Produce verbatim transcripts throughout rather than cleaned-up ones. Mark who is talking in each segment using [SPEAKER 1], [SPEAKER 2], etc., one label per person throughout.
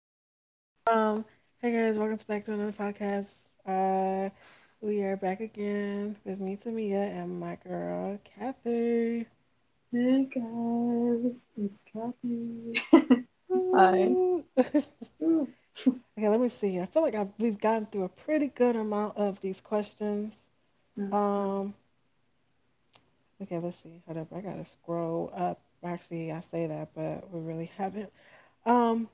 [SPEAKER 1] stop. Um, Hey guys, welcome back to another podcast. Uh, we are back again with me, Tamia, and my girl, Kathy.
[SPEAKER 2] Hey guys, it's Kathy. Hi.
[SPEAKER 1] Woo. okay,
[SPEAKER 2] Ooh,
[SPEAKER 1] let me see. I feel like I've, we've gotten through a pretty good amount of these questions.
[SPEAKER 2] no,
[SPEAKER 1] Um, okay, let's see. Hold up, I gotta scroll up. Actually, I say that, but we really haven't. Um,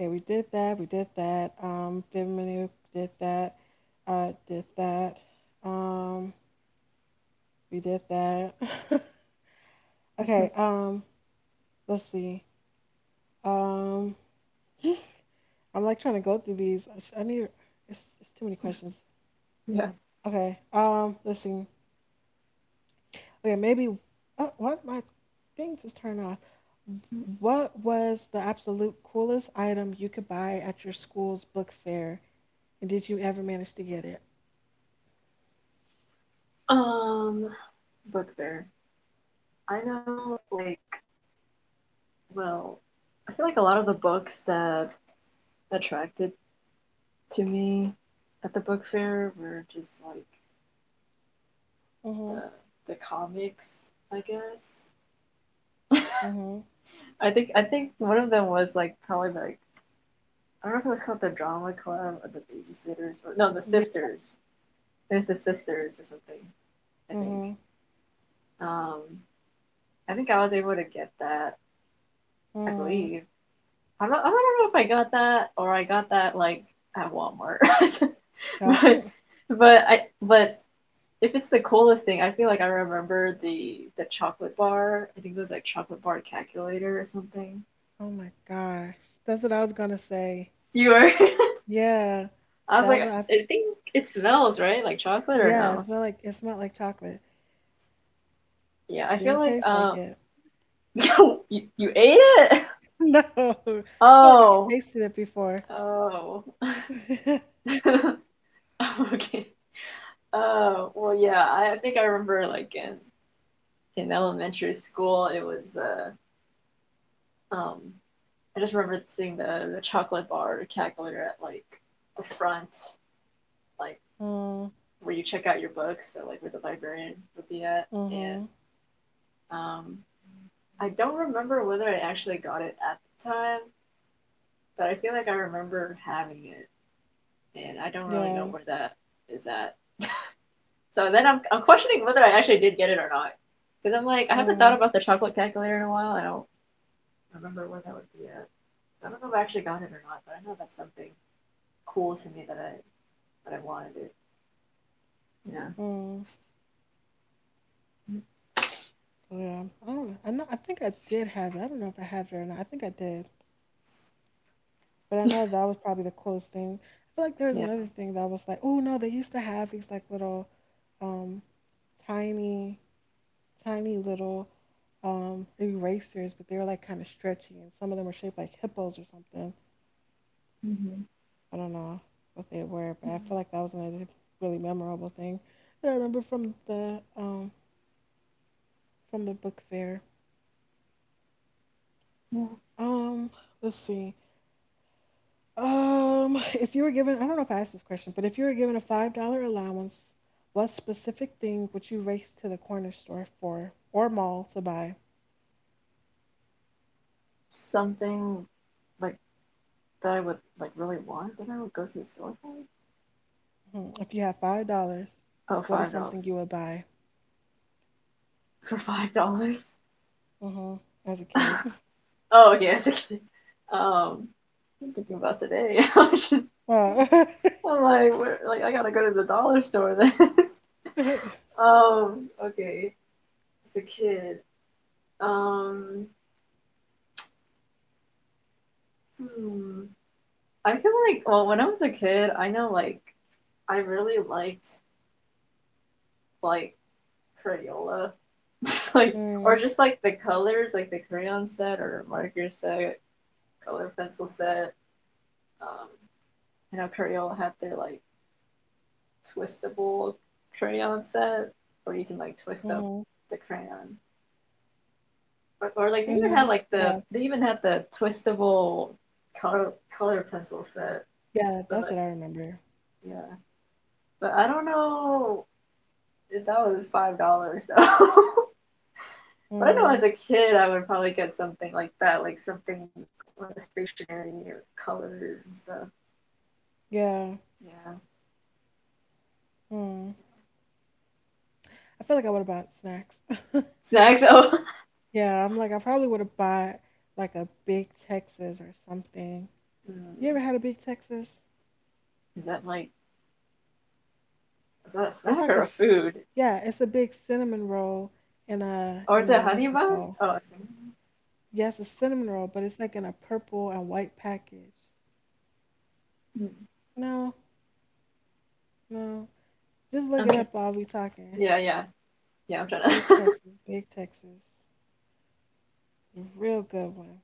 [SPEAKER 1] Okay, we did that. We did that. Um, Bimini did that. I did that. Um, we did that. okay.
[SPEAKER 2] no.
[SPEAKER 1] Um, let's see. Um, I'm like trying to go through these. I sh- I need. It's, it's too many questions.
[SPEAKER 2] Yeah.
[SPEAKER 1] Okay. Um, let's see. Okay, maybe. Oh, what my thing just turned off. What was the absolute coolest item you could buy at your school's book fair, and did you ever manage to get it?
[SPEAKER 2] Um, book fair. I know, like, well, I feel like a lot of the books that attracted to me at the book fair were just like
[SPEAKER 1] Mhm.
[SPEAKER 2] the the comics, I guess.
[SPEAKER 1] Mhm.
[SPEAKER 2] I think I think one of them was like probably like I don't know if it was called the drama club or the babysitters or no the
[SPEAKER 1] Yeah.
[SPEAKER 2] sisters. There's the sisters or something. I think.
[SPEAKER 1] Mhm.
[SPEAKER 2] Um, I think I was able to get that. I
[SPEAKER 1] Mm.
[SPEAKER 2] believe. I don't. I don't know if I got that or I got that like at Walmart.
[SPEAKER 1] Uh,
[SPEAKER 2] but
[SPEAKER 1] mm.
[SPEAKER 2] but I but if it's the coolest thing, I feel like I remember the the chocolate bar. I think it was like chocolate bar calculator or something.
[SPEAKER 1] Oh my gosh. That's what I was gonna say.
[SPEAKER 2] You were.
[SPEAKER 1] Yeah.
[SPEAKER 2] I was
[SPEAKER 1] That
[SPEAKER 2] like,
[SPEAKER 1] was, I,
[SPEAKER 2] I think it smells right, like chocolate or
[SPEAKER 1] yeah, it
[SPEAKER 2] no?
[SPEAKER 1] smelled like it smelled like chocolate.
[SPEAKER 2] Yeah,
[SPEAKER 1] It
[SPEAKER 2] I feel
[SPEAKER 1] didn't
[SPEAKER 2] like
[SPEAKER 1] taste like
[SPEAKER 2] um,
[SPEAKER 1] it.
[SPEAKER 2] you you ate it.
[SPEAKER 1] No. I feel like I've
[SPEAKER 2] Oh,
[SPEAKER 1] tasted it before.
[SPEAKER 2] oh.
[SPEAKER 1] Mm,
[SPEAKER 2] okay. Oh well, yeah. I, I think I remember like in in elementary school, it was. Uh, um, I just remember seeing the the chocolate bar calculator at like the front, like where you check out your books, so like where the librarian would be at, and
[SPEAKER 1] mm-hmm.
[SPEAKER 2] um, I don't remember whether I actually got it at the time, but I feel like I remember having it, and I don't really know
[SPEAKER 1] Yeah.
[SPEAKER 2] where that is at. So then I'm I'm questioning whether I actually did get it or not, because I'm like I haven't thought
[SPEAKER 1] Mm,
[SPEAKER 2] about the chocolate calculator in a while, and I remember where that would be at. So I don't know if I actually got it or not, but I know that's something cool to me that I that I wanted it. Yeah.
[SPEAKER 1] mm. Yeah. I don't know. I know I think I did have it. I don't know if I had it or not. I think I did. But I know that was probably the coolest thing. I feel like there was
[SPEAKER 2] Yeah.
[SPEAKER 1] another thing that was like, oh no, they used to have these like little um tiny tiny little um, erasers, but they were like kind of stretchy, and some of them were shaped like hippos or something.
[SPEAKER 2] Mm-hmm.
[SPEAKER 1] I don't know what they were, but
[SPEAKER 2] Yeah.
[SPEAKER 1] I feel like that was another really memorable thing that I remember from the um, from the book fair.
[SPEAKER 2] Yeah.
[SPEAKER 1] Um, let's see. Um, if you were given, I don't know if I asked this question, but if you were given a five dollar allowance, what specific thing would you race to the corner store for or mall to buy?
[SPEAKER 2] Something like that I would like really want that I would go to the store for.
[SPEAKER 1] hmm If you had five dollars,
[SPEAKER 2] Oh,
[SPEAKER 1] what is
[SPEAKER 2] five dollars
[SPEAKER 1] something you would buy?
[SPEAKER 2] for five dollars.
[SPEAKER 1] hmm As a kid.
[SPEAKER 2] oh, yes. Okay. Um, I'm thinking about today. I'm just
[SPEAKER 1] Wow.
[SPEAKER 2] I'm like where, like I gotta go to the dollar store then. um. Okay. As a kid. Um. Hmm. I feel like, well, when I was a kid, I know like I really liked like Crayola, like or
[SPEAKER 1] Mm,
[SPEAKER 2] just like the colors, like the crayon set or marker set, color pencil set. Um, I know Crayola had their like twistable crayon set, where you can like twist up
[SPEAKER 1] mhm,
[SPEAKER 2] the crayon, or, or like they even had
[SPEAKER 1] mhm.
[SPEAKER 2] like the
[SPEAKER 1] Yeah,
[SPEAKER 2] they even had the twistable color color pencil set,
[SPEAKER 1] yeah,
[SPEAKER 2] but
[SPEAKER 1] that's
[SPEAKER 2] like
[SPEAKER 1] what I remember.
[SPEAKER 2] yeah, but I don't know if that was five dollars though. but I know
[SPEAKER 1] Mm,
[SPEAKER 2] as a kid I would probably get something like that, like something on the stationery or colors and stuff.
[SPEAKER 1] yeah,
[SPEAKER 2] Yeah.
[SPEAKER 1] mm. I feel like I would have bought snacks.
[SPEAKER 2] Snacks. Oh,
[SPEAKER 1] Yeah, I'm like, I probably would have bought like a Big Texas or something. You
[SPEAKER 2] mm,
[SPEAKER 1] ever had a Big Texas?
[SPEAKER 2] is that like is that a
[SPEAKER 1] It's
[SPEAKER 2] snack
[SPEAKER 1] like a,
[SPEAKER 2] or a
[SPEAKER 1] s-
[SPEAKER 2] food
[SPEAKER 1] yeah, it's a big cinnamon roll in a,
[SPEAKER 2] or is
[SPEAKER 1] in
[SPEAKER 2] it
[SPEAKER 1] a,
[SPEAKER 2] honey
[SPEAKER 1] what's it
[SPEAKER 2] bun?
[SPEAKER 1] called?
[SPEAKER 2] Oh, it's
[SPEAKER 1] Yes, a cinnamon roll, but it's like in a purple and white package.
[SPEAKER 2] mm.
[SPEAKER 1] No, no. Just look
[SPEAKER 2] I'm
[SPEAKER 1] it
[SPEAKER 2] trying.
[SPEAKER 1] up while we talking.
[SPEAKER 2] Yeah, yeah, yeah. I'm trying
[SPEAKER 1] Big
[SPEAKER 2] to.
[SPEAKER 1] Texas, Big Texas. A real good one.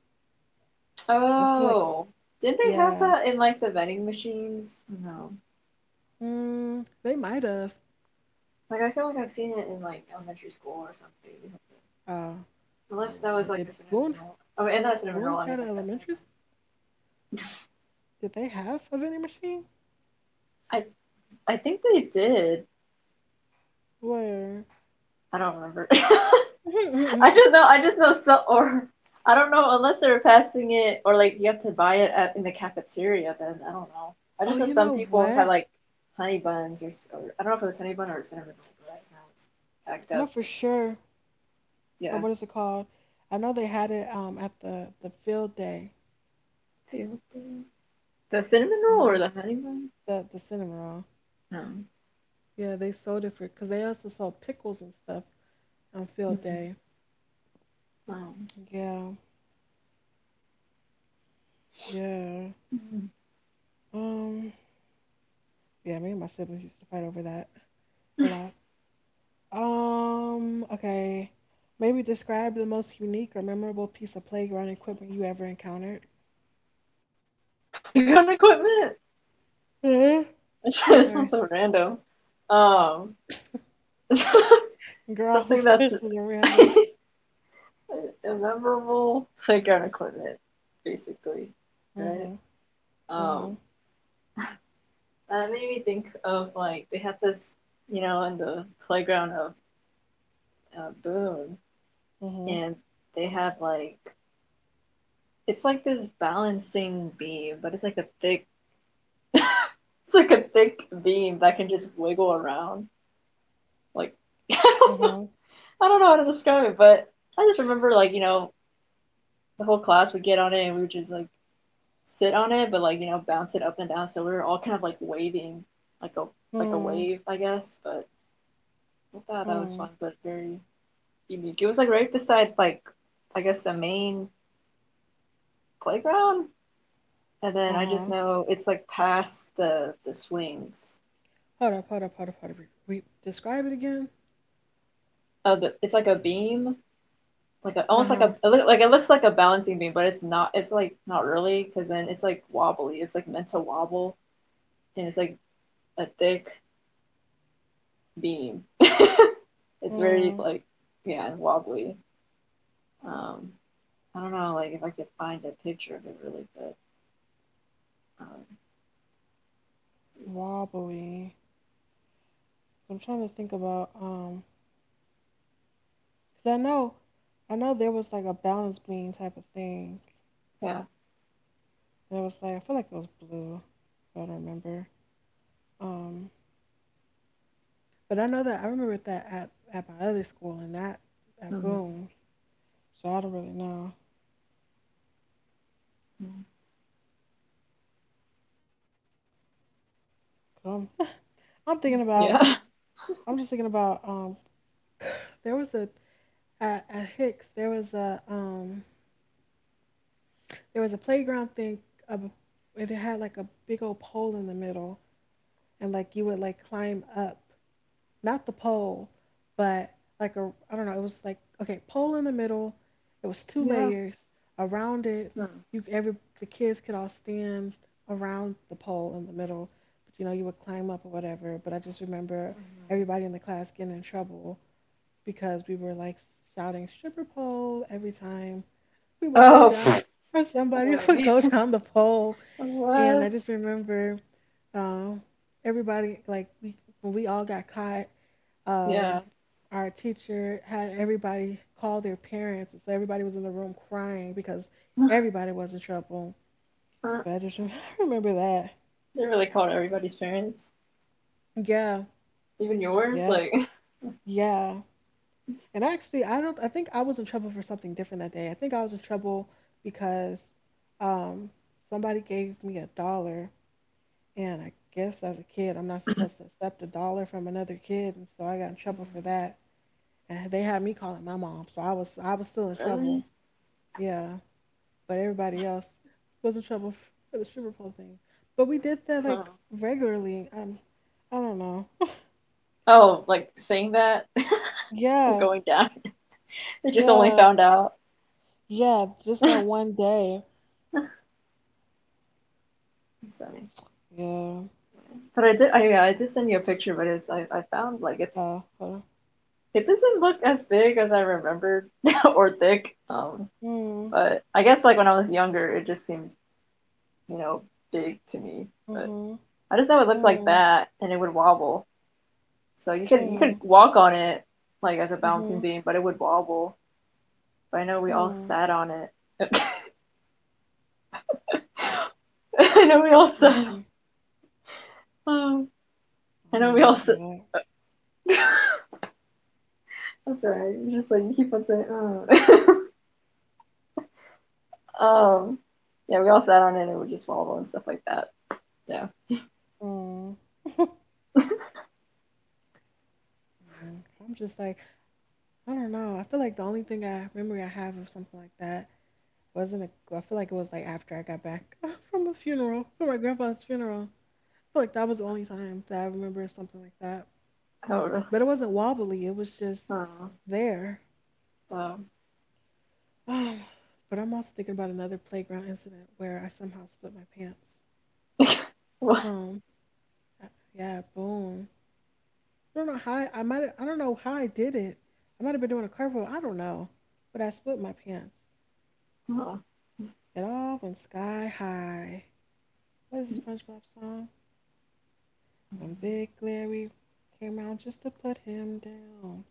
[SPEAKER 1] I feel like,
[SPEAKER 2] oh, did they have
[SPEAKER 1] yeah,
[SPEAKER 2] that in like the vending machines? No.
[SPEAKER 1] mm, they might have.
[SPEAKER 2] Like I feel like I've seen it in like elementary school or something.
[SPEAKER 1] Uh, I
[SPEAKER 2] Unless that
[SPEAKER 1] don't know.
[SPEAKER 2] was like
[SPEAKER 1] Did
[SPEAKER 2] a cinnamon
[SPEAKER 1] Boone
[SPEAKER 2] roll. Oh, and not a cinnamon roll.
[SPEAKER 1] Boone
[SPEAKER 2] I mean,
[SPEAKER 1] had an
[SPEAKER 2] like a honey
[SPEAKER 1] elementary? s- Did they have a vending machine?
[SPEAKER 2] bun. I I think they did.
[SPEAKER 1] Where?
[SPEAKER 2] I don't remember. I
[SPEAKER 1] oh,
[SPEAKER 2] just know. I just know. So, or I don't know unless they were passing it, or like you have to buy it at, in the cafeteria. Then I don't know. I just know
[SPEAKER 1] you
[SPEAKER 2] some
[SPEAKER 1] know
[SPEAKER 2] people had
[SPEAKER 1] what?
[SPEAKER 2] like honey buns, or, or I don't know if it was honey bun or cinnamon roll. But that's now it's packed
[SPEAKER 1] I know
[SPEAKER 2] up.
[SPEAKER 1] for
[SPEAKER 2] But like,
[SPEAKER 1] sure. Oh,
[SPEAKER 2] yeah.
[SPEAKER 1] what is it called? I know they had it um at the the field day.
[SPEAKER 2] The cinnamon
[SPEAKER 1] Uh
[SPEAKER 2] roll or
[SPEAKER 1] huh.
[SPEAKER 2] the honey bun?
[SPEAKER 1] The the cinema.
[SPEAKER 2] No.
[SPEAKER 1] Yeah, they sold it for because they also sold pickles and stuff on field
[SPEAKER 2] Hmm.
[SPEAKER 1] day.
[SPEAKER 2] Wow.
[SPEAKER 1] Yeah, yeah.
[SPEAKER 2] Mm-hmm.
[SPEAKER 1] Um, yeah. Me and my siblings used to fight over that a lot. Um, okay. Maybe describe the most unique or memorable piece of playground equipment you ever encountered.
[SPEAKER 2] Playground equipment?
[SPEAKER 1] hmm Oh,
[SPEAKER 2] this sounds
[SPEAKER 1] sorry.
[SPEAKER 2] so random. Um,
[SPEAKER 1] Girl, all
[SPEAKER 2] something
[SPEAKER 1] these
[SPEAKER 2] that's
[SPEAKER 1] questions are random.
[SPEAKER 2] memorable playground equipment, basically, right?
[SPEAKER 1] Mm-hmm.
[SPEAKER 2] Um,
[SPEAKER 1] Mm-hmm.
[SPEAKER 2] and it made me think of like they had this, you know, in the playground of uh, Boone,
[SPEAKER 1] Mm-hmm.
[SPEAKER 2] and they had like it's like this balancing beam, but it's like a thick, it's like a thick beam that can just wiggle around. Like I don't know, I don't know how to describe it, but I just remember like you know the whole class would get on it and we would just like sit on it, but like you know bounce it up and down. So we were all kind of like waving, like a like a
[SPEAKER 1] Mm-hmm.
[SPEAKER 2] wave, I guess. But I thought that was
[SPEAKER 1] Mm-hmm.
[SPEAKER 2] fun, but very unique. It was like right beside like I guess the main playground, and then I just
[SPEAKER 1] Uh-huh.
[SPEAKER 2] know it's like past the the swings.
[SPEAKER 1] Hold up, hold up, hold up, hold up. Re- re- describe it again.
[SPEAKER 2] Oh, the, it's like a beam, like a, almost like a
[SPEAKER 1] Uh-huh.
[SPEAKER 2] it look, like it looks like a balancing beam, but it's not. It's like not really, because then it's like wobbly. It's like meant to wobble, and it's like a thick beam. it's very
[SPEAKER 1] Hmm.
[SPEAKER 2] like yeah wobbly. Um, I don't know like if I could find a picture of it really good. Um,
[SPEAKER 1] Wobbly. I'm trying to think about, um, 'cause I know, I know there was like a balance beam type of thing.
[SPEAKER 2] yeah.
[SPEAKER 1] There was like, I feel like it was blue, if I don't remember. Um, but I know that I remember that at, at my other school and that that
[SPEAKER 2] Mhm.
[SPEAKER 1] boom. So I don't really know. I am I'm thinking
[SPEAKER 2] Yeah.
[SPEAKER 1] about I'm just thinking about um there was a at, at Hicks there was a um there was a playground thing of a- and it had like a big old pole in the middle and like you would like climb up, not the pole, but like a I don't know. It was like okay, pole in the middle. It was two
[SPEAKER 2] Yeah.
[SPEAKER 1] layers around it.
[SPEAKER 2] Mhm.
[SPEAKER 1] You every the kids could all stand around the pole in the middle, but you know you would climb up or whatever. But I just remember everybody in the class getting in trouble because we were like shouting stripper pole every time we would go
[SPEAKER 2] Oh, oh
[SPEAKER 1] down or somebody
[SPEAKER 2] my
[SPEAKER 1] would
[SPEAKER 2] God.
[SPEAKER 1] go down the pole. And I
[SPEAKER 2] What?
[SPEAKER 1] just remember um, everybody like we when we all got caught
[SPEAKER 2] Yeah.
[SPEAKER 1] um, our teacher had everybody call their parents, and so everybody was in the room crying because everybody was in trouble.
[SPEAKER 2] They
[SPEAKER 1] But I just I remember that.
[SPEAKER 2] really called everybody's parents,
[SPEAKER 1] Yeah,
[SPEAKER 2] even yours.
[SPEAKER 1] yep,
[SPEAKER 2] Like,
[SPEAKER 1] yeah. And actually, I don't. I think I was in trouble for something different that day. I think I was in trouble because um, somebody gave me a dollar, and I guess as a kid, I'm not supposed to accept a dollar from another kid, and so I got in trouble for that. And they had me calling my mom, so I was I was still in
[SPEAKER 2] really?
[SPEAKER 1] trouble. Yeah, but everybody else was in trouble f- for the stripper pole thing. But we did that
[SPEAKER 2] Oh,
[SPEAKER 1] like regularly. Um, I don't know.
[SPEAKER 2] oh like saying that and
[SPEAKER 1] Yeah,
[SPEAKER 2] going down. They just only
[SPEAKER 1] yeah,
[SPEAKER 2] found out.
[SPEAKER 1] yeah. Just that one day.
[SPEAKER 2] It's funny.
[SPEAKER 1] Yeah.
[SPEAKER 2] But I did. I, yeah, I did send you a picture, but it's I, I found like it's
[SPEAKER 1] Uh, hold
[SPEAKER 2] it doesn't look as big as I remembered or thick. Um,
[SPEAKER 1] on.
[SPEAKER 2] but I guess like when I was younger, it just seemed you know big to me.
[SPEAKER 1] Hmm.
[SPEAKER 2] But
[SPEAKER 1] Hmm.
[SPEAKER 2] I just know it looked like
[SPEAKER 1] Hmm.
[SPEAKER 2] that, and it would wobble. So you could you could
[SPEAKER 1] Hmm.
[SPEAKER 2] walk on it like as a bouncing
[SPEAKER 1] Hmm.
[SPEAKER 2] beam, but it would wobble. But I know we all
[SPEAKER 1] Hmm.
[SPEAKER 2] sat on it. I know we all sat.
[SPEAKER 1] Let's
[SPEAKER 2] On,
[SPEAKER 1] see.
[SPEAKER 2] oh,
[SPEAKER 1] I
[SPEAKER 2] I
[SPEAKER 1] don't
[SPEAKER 2] know we
[SPEAKER 1] even
[SPEAKER 2] all. Sit,
[SPEAKER 1] remember that.
[SPEAKER 2] I'm sorry. You're just like you keep on saying. Oh. um, yeah, we all sat on it and it would just wobble and stuff like that. Yeah,
[SPEAKER 1] Hmm. Mm, I'm just like, I don't know. I feel like the only thing I memory I have of something like that wasn't it? I feel like it was like after I got back uh, from a funeral, from my grandfather's funeral. I feel like that was the only time that I remember something like that.
[SPEAKER 2] I don't really.
[SPEAKER 1] But it wasn't wobbly. It was just
[SPEAKER 2] I don't know. Uh,
[SPEAKER 1] there.
[SPEAKER 2] So,
[SPEAKER 1] Um, but I'm also thinking about another playground incident where I somehow split my pants.
[SPEAKER 2] what?
[SPEAKER 1] Um, I- yeah, boom. I don't know how I, I might. I don't know how I did it. I might have been doing a cartwheel. I don't know, but I split my pants.
[SPEAKER 2] Oh.
[SPEAKER 1] It all went sky high. What is this SpongeBob song? When Big Larry came around just to put him down.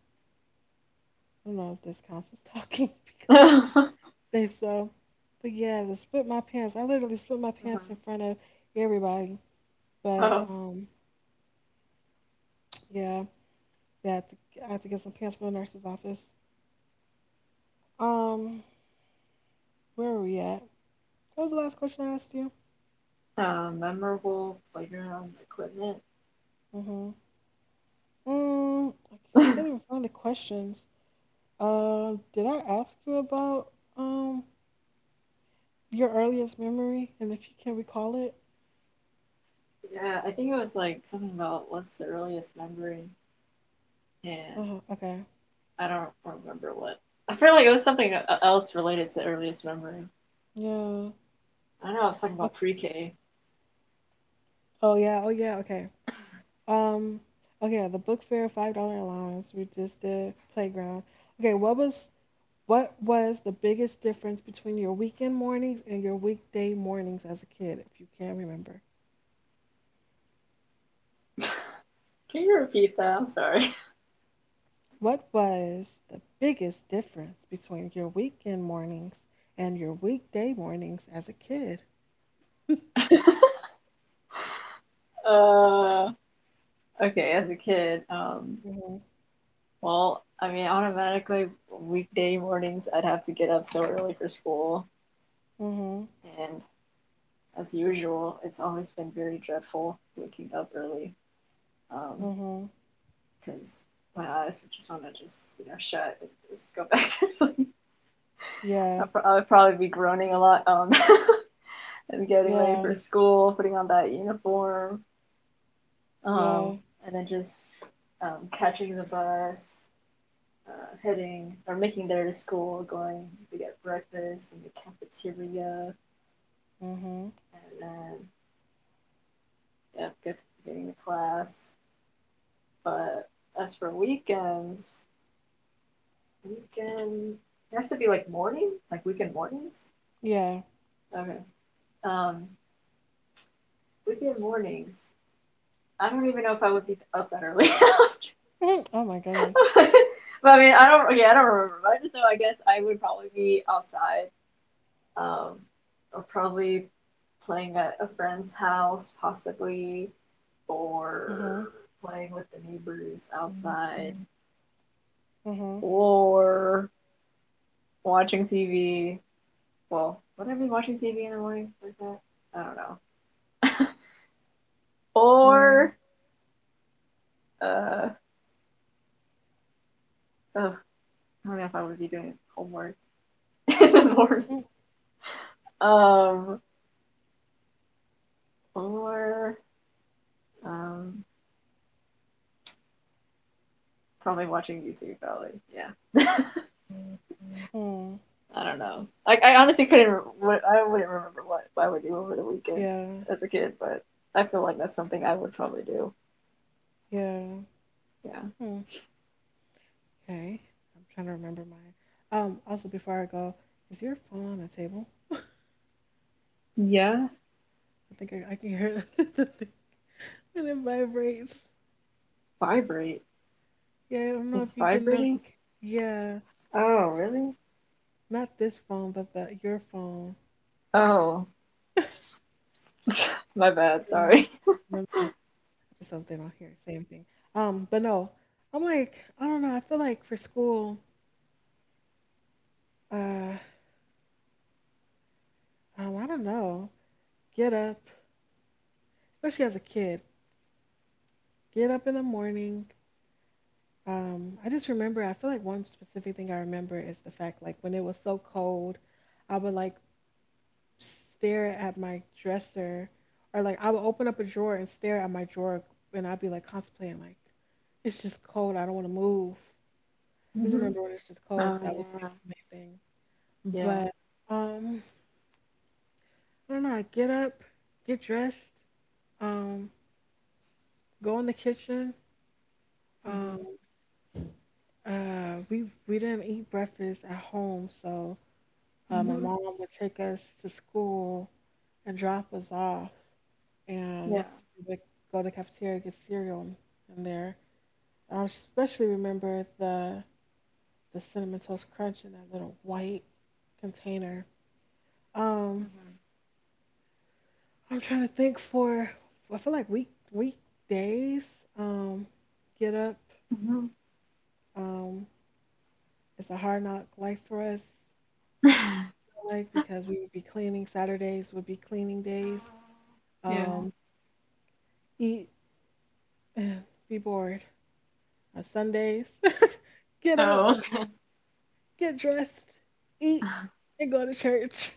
[SPEAKER 1] I don't know if this counts as talking because they so. But yeah, I split my pants. I literally split my
[SPEAKER 2] Mm-hmm.
[SPEAKER 1] pants in front of everybody. But
[SPEAKER 2] oh,
[SPEAKER 1] um, yeah, I had to, I had to get some pants from the nurse's office. Um, where were we at? What was the last question I asked you?
[SPEAKER 2] uh, memorable playground equipment.
[SPEAKER 1] Mm-hmm. Mm, I, I can't even find the questions. Uh, did I ask you about um your earliest memory and if you can recall it?
[SPEAKER 2] yeah, I think it was like something about what's the earliest memory, and
[SPEAKER 1] Uh-huh. Okay.
[SPEAKER 2] I don't remember what. I feel like it was something e- else related to earliest memory.
[SPEAKER 1] Yeah.
[SPEAKER 2] I don't know I was talking about
[SPEAKER 1] Ok-
[SPEAKER 2] pre-K.
[SPEAKER 1] Oh yeah. Oh yeah. Okay. Um. Okay. The book fair, five dollar allowance. We just did playground. Okay. What was what was the biggest difference between your weekend mornings and your weekday mornings as a kid, if you can remember?
[SPEAKER 2] Can you repeat that? I'm sorry.
[SPEAKER 1] What was the biggest difference between your weekend mornings and your weekday mornings as a kid?
[SPEAKER 2] Uh, okay, as a kid, um,
[SPEAKER 1] Mhm.
[SPEAKER 2] well, I mean, automatically weekday mornings I'd have to get up so early for school,
[SPEAKER 1] Mhm.
[SPEAKER 2] and as usual, it's always been very dreadful waking up early um,
[SPEAKER 1] Mhm.
[SPEAKER 2] because um, my eyes would just want to just you know shut and just go back to sleep.
[SPEAKER 1] Yeah.
[SPEAKER 2] I'd, pro- I'd probably be groaning a lot um, and getting ready for
[SPEAKER 1] Yeah.
[SPEAKER 2] school, putting on that uniform, um,
[SPEAKER 1] Yeah.
[SPEAKER 2] and then just um, catching the bus. Uh, heading or making there to school, going to get breakfast in the cafeteria,
[SPEAKER 1] Mhm.
[SPEAKER 2] and then yeah, get, getting to class. But as for weekends, weekend. It has to be like morning, like weekend mornings.
[SPEAKER 1] Yeah.
[SPEAKER 2] Okay. Um, weekend mornings. I don't even know if I would be up that early.
[SPEAKER 1] Oh my goodness.
[SPEAKER 2] but I mean, I don't. Yeah, I don't remember. But I just know. I guess I would probably be outside, um, or probably playing at a friend's house, possibly, or
[SPEAKER 1] Mm-hmm.
[SPEAKER 2] playing with the neighbors outside, mm-hmm.
[SPEAKER 1] Mhm.
[SPEAKER 2] or watching T V. Well, would I be watching T V in the morning like that? I don't know.
[SPEAKER 1] Mm.
[SPEAKER 2] or uh, oh, I don't know if I would be doing homework in the morning. Um, or um, probably watching YouTube. Probably, yeah.
[SPEAKER 1] Mhm.
[SPEAKER 2] I don't know. Like, I honestly couldn't. I wouldn't remember what I would do over the weekend
[SPEAKER 1] Yeah.
[SPEAKER 2] as a kid, but I feel like that's something I would probably do.
[SPEAKER 1] Yeah.
[SPEAKER 2] Yeah.
[SPEAKER 1] Hmm. Okay. I'm trying to remember mine. Um. Also, before I go, is your phone on the table?
[SPEAKER 2] Yeah.
[SPEAKER 1] I think I, I can hear the thing and it vibrates.
[SPEAKER 2] Vibrate
[SPEAKER 1] Yeah. I don't know
[SPEAKER 2] is
[SPEAKER 1] if you get
[SPEAKER 2] vibrating.
[SPEAKER 1] notification. Yeah.
[SPEAKER 2] Oh, really?
[SPEAKER 1] Not this phone, but the your phone.
[SPEAKER 2] Oh, my bad.
[SPEAKER 1] Yeah, I'm
[SPEAKER 2] Sorry.
[SPEAKER 1] like, no, no, just something on here, same thing. Um, but no, I'm like, I don't know. I feel like for school, uh, um, I don't know, get up, especially as a kid. Get up in the morning. Um, I just remember, I feel like one specific thing I remember is the fact, like, when it was so cold, I would like stare at my dresser, or like I would open up a drawer and stare at my drawer, and I'd be like contemplating, like, it's just cold. I don't want to move. I just
[SPEAKER 2] Mm-hmm.
[SPEAKER 1] remember when it's just cold. That was
[SPEAKER 2] Oh
[SPEAKER 1] the main thing.
[SPEAKER 2] yeah, yeah,
[SPEAKER 1] But um, I don't know. I get up, get dressed, um, go in the kitchen. Um, uh, we we didn't eat breakfast at home, so Uh, my
[SPEAKER 2] hmm
[SPEAKER 1] mom would take us to school and drop us off,
[SPEAKER 2] yeah.
[SPEAKER 1] and we would go to the cafeteria get cereal in there. And I especially remember the the cinnamon toast crunch in that little white container. Um,
[SPEAKER 2] Mhm.
[SPEAKER 1] I'm trying to think for I feel like week weekdays. Um, get up.
[SPEAKER 2] Mhm.
[SPEAKER 1] Um, it's a hard knock life for us. Like because we would be cleaning Saturdays would be cleaning days.
[SPEAKER 2] Oh, yeah.
[SPEAKER 1] Um, eat, be bored. on Sundays. Get up,
[SPEAKER 2] Oh.
[SPEAKER 1] get dressed, eat, and go to church,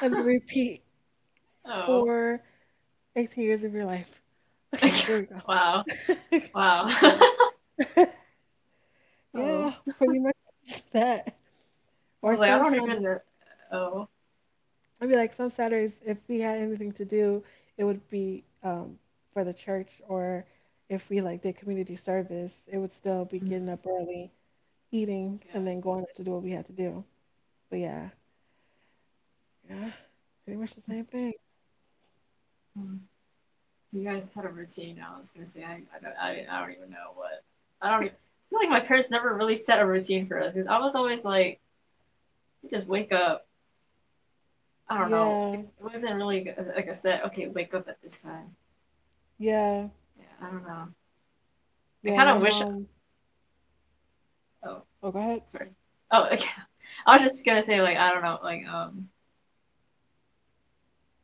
[SPEAKER 1] and then repeat
[SPEAKER 2] Oh.
[SPEAKER 1] for eighteen years of your life. Okay, there we
[SPEAKER 2] Wow.
[SPEAKER 1] go.
[SPEAKER 2] Wow.
[SPEAKER 1] yeah.
[SPEAKER 2] Oh.
[SPEAKER 1] yeah, pretty much that.
[SPEAKER 2] I
[SPEAKER 1] Or
[SPEAKER 2] was like, I
[SPEAKER 1] some
[SPEAKER 2] don't
[SPEAKER 1] some
[SPEAKER 2] even know. Oh.
[SPEAKER 1] I'd be like some Saturdays if we had anything to do, it would be um for the church, or if we like did community service, it would still be
[SPEAKER 2] Mm,
[SPEAKER 1] getting up early, eating,
[SPEAKER 2] yeah.
[SPEAKER 1] and then going out to do what we had to do. But yeah, yeah, pretty much the same thing.
[SPEAKER 2] Mm. You guys had a routine. I was gonna say, I, I don't, I, I don't even know what. I don't even. I feel like my parents never really set a routine for us because I was always like, we just wake up. I don't know. We,
[SPEAKER 1] Yeah,
[SPEAKER 2] it wasn't really a- like a set. Okay, wake up at this time.
[SPEAKER 1] yeah,
[SPEAKER 2] Yeah. I don't know. I
[SPEAKER 1] yeah.
[SPEAKER 2] kind
[SPEAKER 1] My
[SPEAKER 2] of wish.
[SPEAKER 1] mom.
[SPEAKER 2] Oh,
[SPEAKER 1] Oh, go ahead.
[SPEAKER 2] sorry. Oh, okay. I was just gonna say like I don't know like um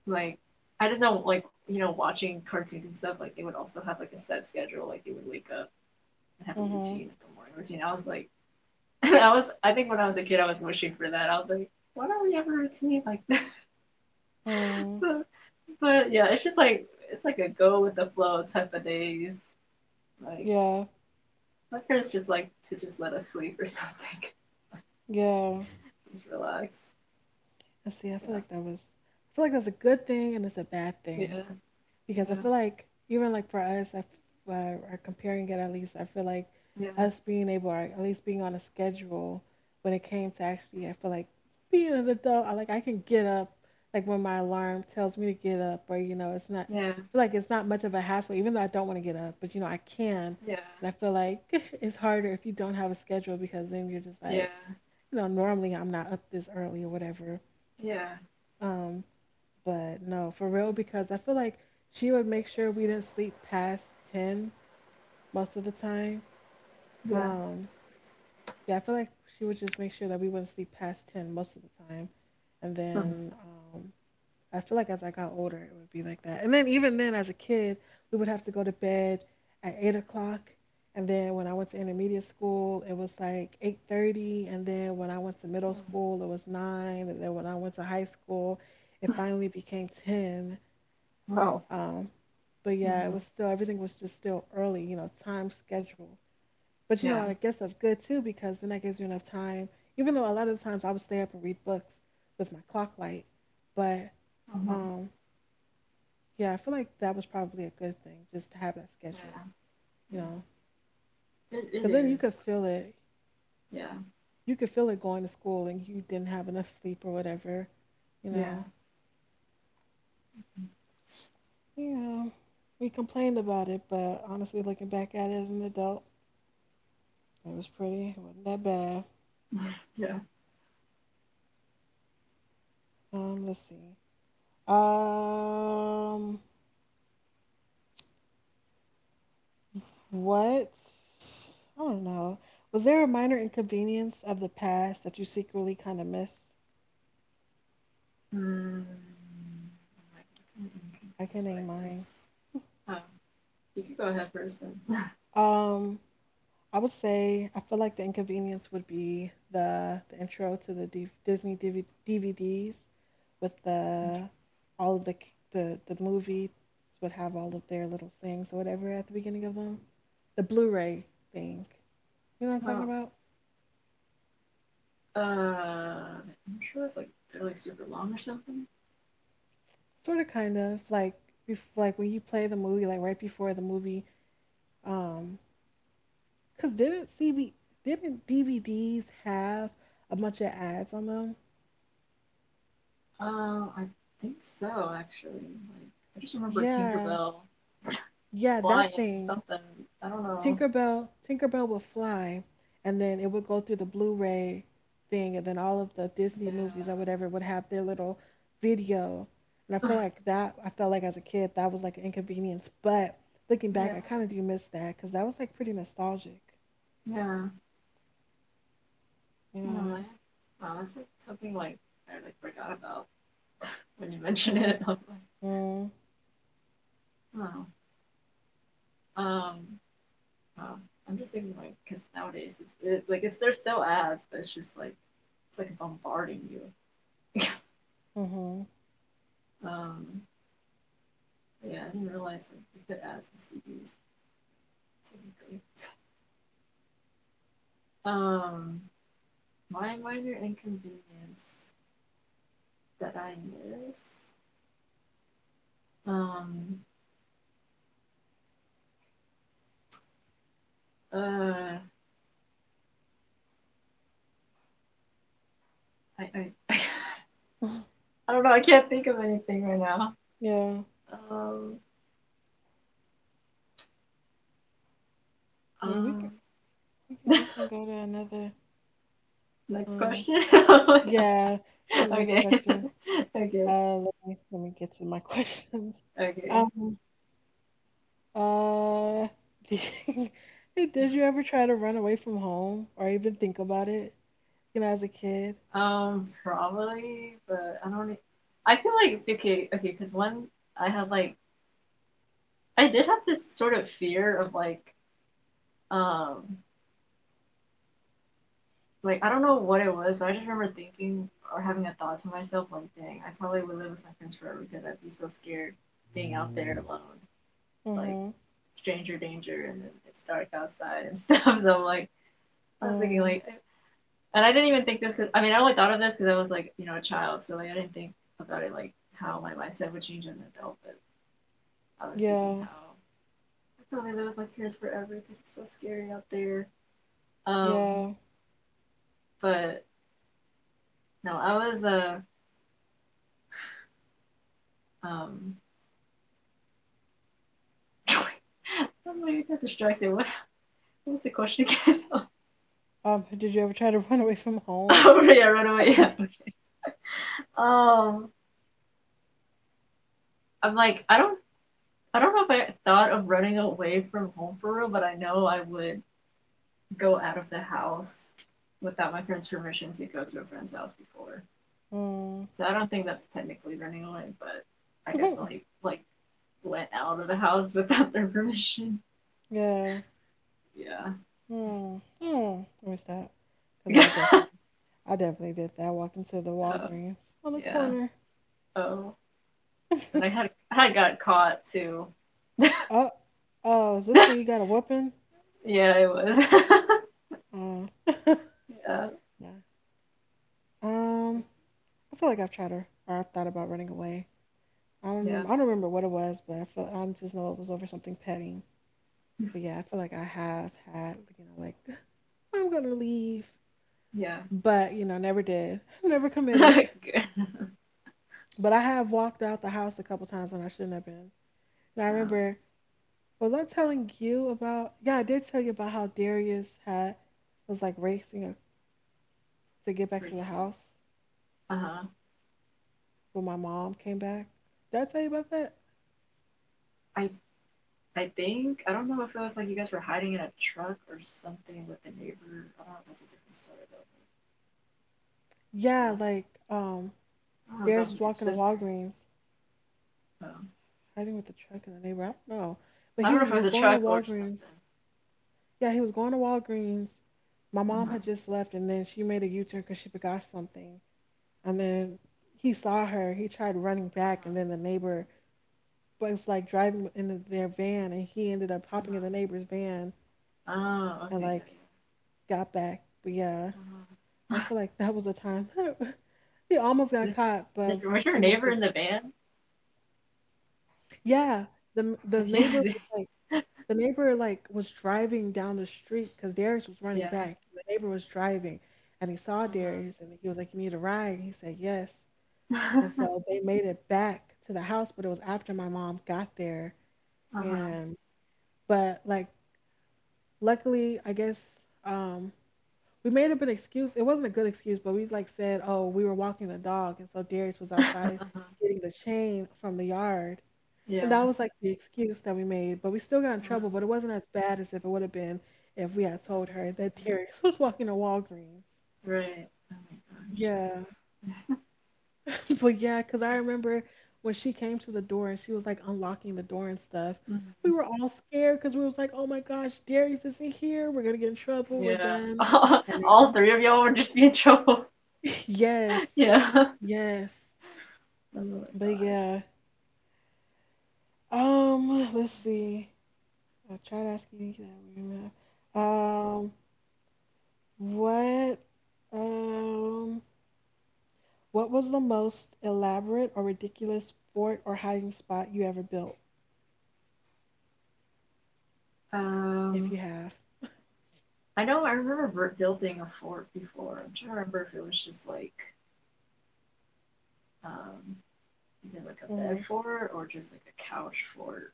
[SPEAKER 2] like I just know like you know watching cartoons and stuff like they would also have like a set schedule like they would wake up and have a
[SPEAKER 1] Mhm.
[SPEAKER 2] routine like a morning routine. I was like I was I think when I was a kid I was wishing for that. I was like why don't we have a routine like that?
[SPEAKER 1] Mhm.
[SPEAKER 2] But yeah, it's just like it's like a go with the flow type of days. Like
[SPEAKER 1] Yeah,
[SPEAKER 2] my parents just like to just let us sleep or something,
[SPEAKER 1] yeah.
[SPEAKER 2] just relax.
[SPEAKER 1] And see, I feel
[SPEAKER 2] Yeah,
[SPEAKER 1] like that was. I feel like that's a good thing and it's a bad thing,
[SPEAKER 2] yeah,
[SPEAKER 1] because I
[SPEAKER 2] yeah,
[SPEAKER 1] feel like even like for us, I f- uh, are comparing it at least. I feel like
[SPEAKER 2] yeah,
[SPEAKER 1] us being able, or at least being on a schedule, when it came to actually, I feel like being an adult, I like I can get up, like when my alarm tells me to get up, or you know, it's not.
[SPEAKER 2] yeah,
[SPEAKER 1] I feel like it's not much of a hassle, even though I don't want to get up, but you know, I can.
[SPEAKER 2] yeah,
[SPEAKER 1] And I feel like it's harder if you don't have a schedule, because then you're just
[SPEAKER 2] yeah.
[SPEAKER 1] like, you know, normally I'm not up this early or whatever.
[SPEAKER 2] Yeah.
[SPEAKER 1] um. But no, for real, because I feel like she would make sure we didn't sleep past ten most of the time.
[SPEAKER 2] Yeah.
[SPEAKER 1] Um, yeah, I feel like she would just make sure that we wouldn't sleep past ten most of the time. And
[SPEAKER 2] Mm-hmm.
[SPEAKER 1] then um, I feel like as I got older, it would be like that. And then even then, as a kid, we would have to go to bed at eight o'clock. And then when I went to intermediate school, it was like eight thirty. And then when I went to middle
[SPEAKER 2] Mm.
[SPEAKER 1] school, it was nine. And then when I went to high school, it finally became ten.
[SPEAKER 2] Wow.
[SPEAKER 1] Um, but yeah, it
[SPEAKER 2] Mm-hmm.
[SPEAKER 1] was still everything was just still early, you know, time schedule. But you know,
[SPEAKER 2] Yeah.
[SPEAKER 1] I guess that's good too because then that gives you enough time. Even though a lot of the times I would stay up and read books with my clock light, but
[SPEAKER 2] Mm-hmm.
[SPEAKER 1] um, yeah, I feel like that was probably a good thing just to have that
[SPEAKER 2] Yeah.
[SPEAKER 1] schedule, you
[SPEAKER 2] Yeah.
[SPEAKER 1] know,
[SPEAKER 2] It,
[SPEAKER 1] because
[SPEAKER 2] it
[SPEAKER 1] then you could
[SPEAKER 2] is.
[SPEAKER 1] feel it.
[SPEAKER 2] Yeah.
[SPEAKER 1] You could feel it going to school and you didn't have enough sleep or whatever, you
[SPEAKER 2] Yeah.
[SPEAKER 1] know. You know, we complained about it, but honestly, looking back at it as an adult, it was pretty. It wasn't that bad.
[SPEAKER 2] Yeah.
[SPEAKER 1] Um, let's see. Um, what? I don't know. Was there a minor inconvenience of the past that you secretly kind of miss?
[SPEAKER 2] Mm. I'm like, what kind of
[SPEAKER 1] I can
[SPEAKER 2] inconvenience would
[SPEAKER 1] name
[SPEAKER 2] I
[SPEAKER 1] mine.
[SPEAKER 2] miss? Um, you could go ahead first then.
[SPEAKER 1] Um, I would say I feel like the inconvenience would be the the intro to the D- Disney D V- D V Ds with the all of the c- the the movies would have all of their little things or whatever at the beginning of them. The Blu-ray thing. You know what I'm talking
[SPEAKER 2] Oh.
[SPEAKER 1] about?
[SPEAKER 2] Uh, I'm sure it's like they're like super long or something.
[SPEAKER 1] Sort of, kind of like bef- like when you play the movie, like right before the movie. Um, Cause didn't C B didn't D V Ds have a bunch of ads on them?
[SPEAKER 2] Um, uh, I think so actually. Like I just remember
[SPEAKER 1] Yeah,
[SPEAKER 2] Tinkerbell
[SPEAKER 1] yeah, that
[SPEAKER 2] flying
[SPEAKER 1] thing.
[SPEAKER 2] something. I don't know.
[SPEAKER 1] Tinkerbell, Tinkerbell would fly, and then it would go through the Blu-ray thing, and then all of the Disney movies or
[SPEAKER 2] Yeah.
[SPEAKER 1] whatever would have their little video. And I feel like that, I felt like as a kid, that was like an inconvenience. But looking
[SPEAKER 2] Yeah.
[SPEAKER 1] back, I kind of do miss that, because that was like pretty nostalgic.
[SPEAKER 2] Yeah. Oh, man.
[SPEAKER 1] Yeah.
[SPEAKER 2] Wow, that's like something like I like forgot about when you mentioned
[SPEAKER 1] Mm-hmm.
[SPEAKER 2] it. I'm like, wow. Um, wow. I'm just thinking like because nowadays it's it, like it's there's still ads, but it's just like it's like bombarding you.
[SPEAKER 1] Mm-hmm.
[SPEAKER 2] Um, yeah, I didn't realize like you put ads in C Ds technically. Um, my minor inconvenience that I miss. Um, uh, I I I don't know. I can't think of anything right now.
[SPEAKER 1] Yeah.
[SPEAKER 2] Um,
[SPEAKER 1] I mean, we can
[SPEAKER 2] um.
[SPEAKER 1] we can we can go to another.
[SPEAKER 2] Next
[SPEAKER 1] Um.
[SPEAKER 2] question.
[SPEAKER 1] Yeah. You got the next
[SPEAKER 2] Okay.
[SPEAKER 1] question.
[SPEAKER 2] Okay.
[SPEAKER 1] Uh. Let me let me get to my questions.
[SPEAKER 2] Okay.
[SPEAKER 1] Um. Uh. Did did you ever try to run away from home or even think about it? You know, as a kid.
[SPEAKER 2] Um, probably, but I don't. e- I feel like okay, okay, because one, I have like, I did have this sort of fear of like, um, like I don't know what it was, but I just remember thinking or having a thought to myself like, dang, I probably would live with my friends forever because I'd be so scared being out there
[SPEAKER 1] Mm-hmm.
[SPEAKER 2] alone, like stranger danger, and then it's dark outside and stuff. So I'm like, I was thinking
[SPEAKER 1] Mm.
[SPEAKER 2] like and I didn't even think this because I mean I only thought of this because I was like you know a child, so like I didn't think about it like how my mindset would change as an adult. But I was thinking
[SPEAKER 1] Yeah.
[SPEAKER 2] how I probably live with my parents forever because it's so scary out there. Um,
[SPEAKER 1] Yeah.
[SPEAKER 2] but no, I was uh um. I'm like, I got distracted. What, what was the question again?
[SPEAKER 1] Um. Did you ever try to run away from home?
[SPEAKER 2] Oh yeah, run away. Yeah, okay. Um, I'm like, I don't, I don't know if I thought of running away from home for real, but I know I would go out of the house without my parents' permission to go to a friend's house before.
[SPEAKER 1] Mm.
[SPEAKER 2] So I don't think that's technically running away, but I definitely like went out of the house without their permission.
[SPEAKER 1] Yeah.
[SPEAKER 2] Yeah.
[SPEAKER 1] Hmm. Hmm. I missed that because I definitely, I definitely did that. Walking to the
[SPEAKER 2] Oh,
[SPEAKER 1] Walgreens on the
[SPEAKER 2] yeah.
[SPEAKER 1] corner.
[SPEAKER 2] Oh. And I had I had got caught too.
[SPEAKER 1] Oh, oh, is this where you got a whooping?
[SPEAKER 2] Yeah, it was.
[SPEAKER 1] Uh,
[SPEAKER 2] Yeah.
[SPEAKER 1] yeah. Um, I feel like I've tried, or, or I've thought about running away. I don't, rem- I
[SPEAKER 2] Yeah.
[SPEAKER 1] don't remember what it was, but I feel I just know it was over something petty. But yeah, I feel like I have had, you know, like I'm gonna leave,
[SPEAKER 2] Yeah.
[SPEAKER 1] but you know, never did, never committed.
[SPEAKER 2] Good.
[SPEAKER 1] But I have walked out the house a couple times when I shouldn't have been. And I
[SPEAKER 2] Oh,
[SPEAKER 1] remember Was I telling you about? Yeah, I did tell you about how Darius had was like racing to get back to the
[SPEAKER 2] racing.
[SPEAKER 1] house
[SPEAKER 2] Uh huh.
[SPEAKER 1] when my mom came back. Did I tell you about that?
[SPEAKER 2] I I think I don't know if it was like you guys were hiding in a truck or something with the neighbor. I don't know if that's a different story though.
[SPEAKER 1] Yeah,
[SPEAKER 2] No.
[SPEAKER 1] like um,
[SPEAKER 2] I don't know if that
[SPEAKER 1] Darius
[SPEAKER 2] was
[SPEAKER 1] was
[SPEAKER 2] with your
[SPEAKER 1] walking to
[SPEAKER 2] sister.
[SPEAKER 1] Walgreens,
[SPEAKER 2] Um,
[SPEAKER 1] hiding with the truck in the neighborhood. I don't know, but
[SPEAKER 2] I
[SPEAKER 1] he
[SPEAKER 2] don't know if
[SPEAKER 1] was
[SPEAKER 2] it
[SPEAKER 1] re-
[SPEAKER 2] was a
[SPEAKER 1] going to
[SPEAKER 2] truck or something.
[SPEAKER 1] Walgreens. Yeah, he was going to Walgreens. My mom
[SPEAKER 2] Uh-huh.
[SPEAKER 1] had just left, and then she made a U turn because she forgot something. And then he saw her. He tried running back, and
[SPEAKER 2] Uh-huh.
[SPEAKER 1] then the neighbor was like driving in their van, and he ended up hopping in the
[SPEAKER 2] Uh-huh.
[SPEAKER 1] neighbor's van
[SPEAKER 2] Oh,
[SPEAKER 1] and
[SPEAKER 2] okay, yeah, yeah.
[SPEAKER 1] like got back. But yeah,
[SPEAKER 2] Uh-huh.
[SPEAKER 1] I feel like that was a time he almost got
[SPEAKER 2] Did,
[SPEAKER 1] caught, but
[SPEAKER 2] did,
[SPEAKER 1] we
[SPEAKER 2] was your
[SPEAKER 1] came up
[SPEAKER 2] neighbor
[SPEAKER 1] with
[SPEAKER 2] in the van?
[SPEAKER 1] yeah. The
[SPEAKER 2] So,
[SPEAKER 1] the
[SPEAKER 2] yeah,
[SPEAKER 1] neighbor was like the neighbor like was driving down the street because Darius was running
[SPEAKER 2] yeah.
[SPEAKER 1] back. The neighbor was driving, and he saw
[SPEAKER 2] Uh-huh.
[SPEAKER 1] Darius, and he was like, "You need a ride?" He said, "Yes." And so they made it back to the house, but it was after my mom got there,
[SPEAKER 2] uh-huh.
[SPEAKER 1] and but like luckily, I guess. Um, we made up an excuse. It wasn't a good excuse, but we like said, oh, we were walking the dog, and so Darius was
[SPEAKER 2] uh-huh.
[SPEAKER 1] outside getting the chain from the yard, and that
[SPEAKER 2] Yeah.
[SPEAKER 1] was like the excuse that we made. But we still got in
[SPEAKER 2] Uh-huh.
[SPEAKER 1] trouble, but it wasn't as bad as if it would have been if we had told
[SPEAKER 2] Mm,
[SPEAKER 1] her that Darius was walking to Walgreens.
[SPEAKER 2] right. Oh my
[SPEAKER 1] Yeah,
[SPEAKER 2] gosh.
[SPEAKER 1] but yeah, because I remember when she came to the door and she was like unlocking the door and stuff.
[SPEAKER 2] Mhm.
[SPEAKER 1] We were all scared because we was like, oh my gosh, Darius is in here. We're gonna get in trouble. We're
[SPEAKER 2] Yeah.
[SPEAKER 1] done. And
[SPEAKER 2] All
[SPEAKER 1] then
[SPEAKER 2] three of y'all would just be in trouble.
[SPEAKER 1] yes.
[SPEAKER 2] Yeah. Oh
[SPEAKER 1] Yes.
[SPEAKER 2] my
[SPEAKER 1] But
[SPEAKER 2] gosh.
[SPEAKER 1] yeah. Um, let's see. I'll try to ask you that we met. Um, what um what was the most elaborate or ridiculous fort or hiding spot you ever built, if you
[SPEAKER 2] Um,
[SPEAKER 1] have?
[SPEAKER 2] I know I remember building a fort before. I'm trying to remember if it was just like um either like a
[SPEAKER 1] Mm-hmm.
[SPEAKER 2] bed fort or just like a couch fort.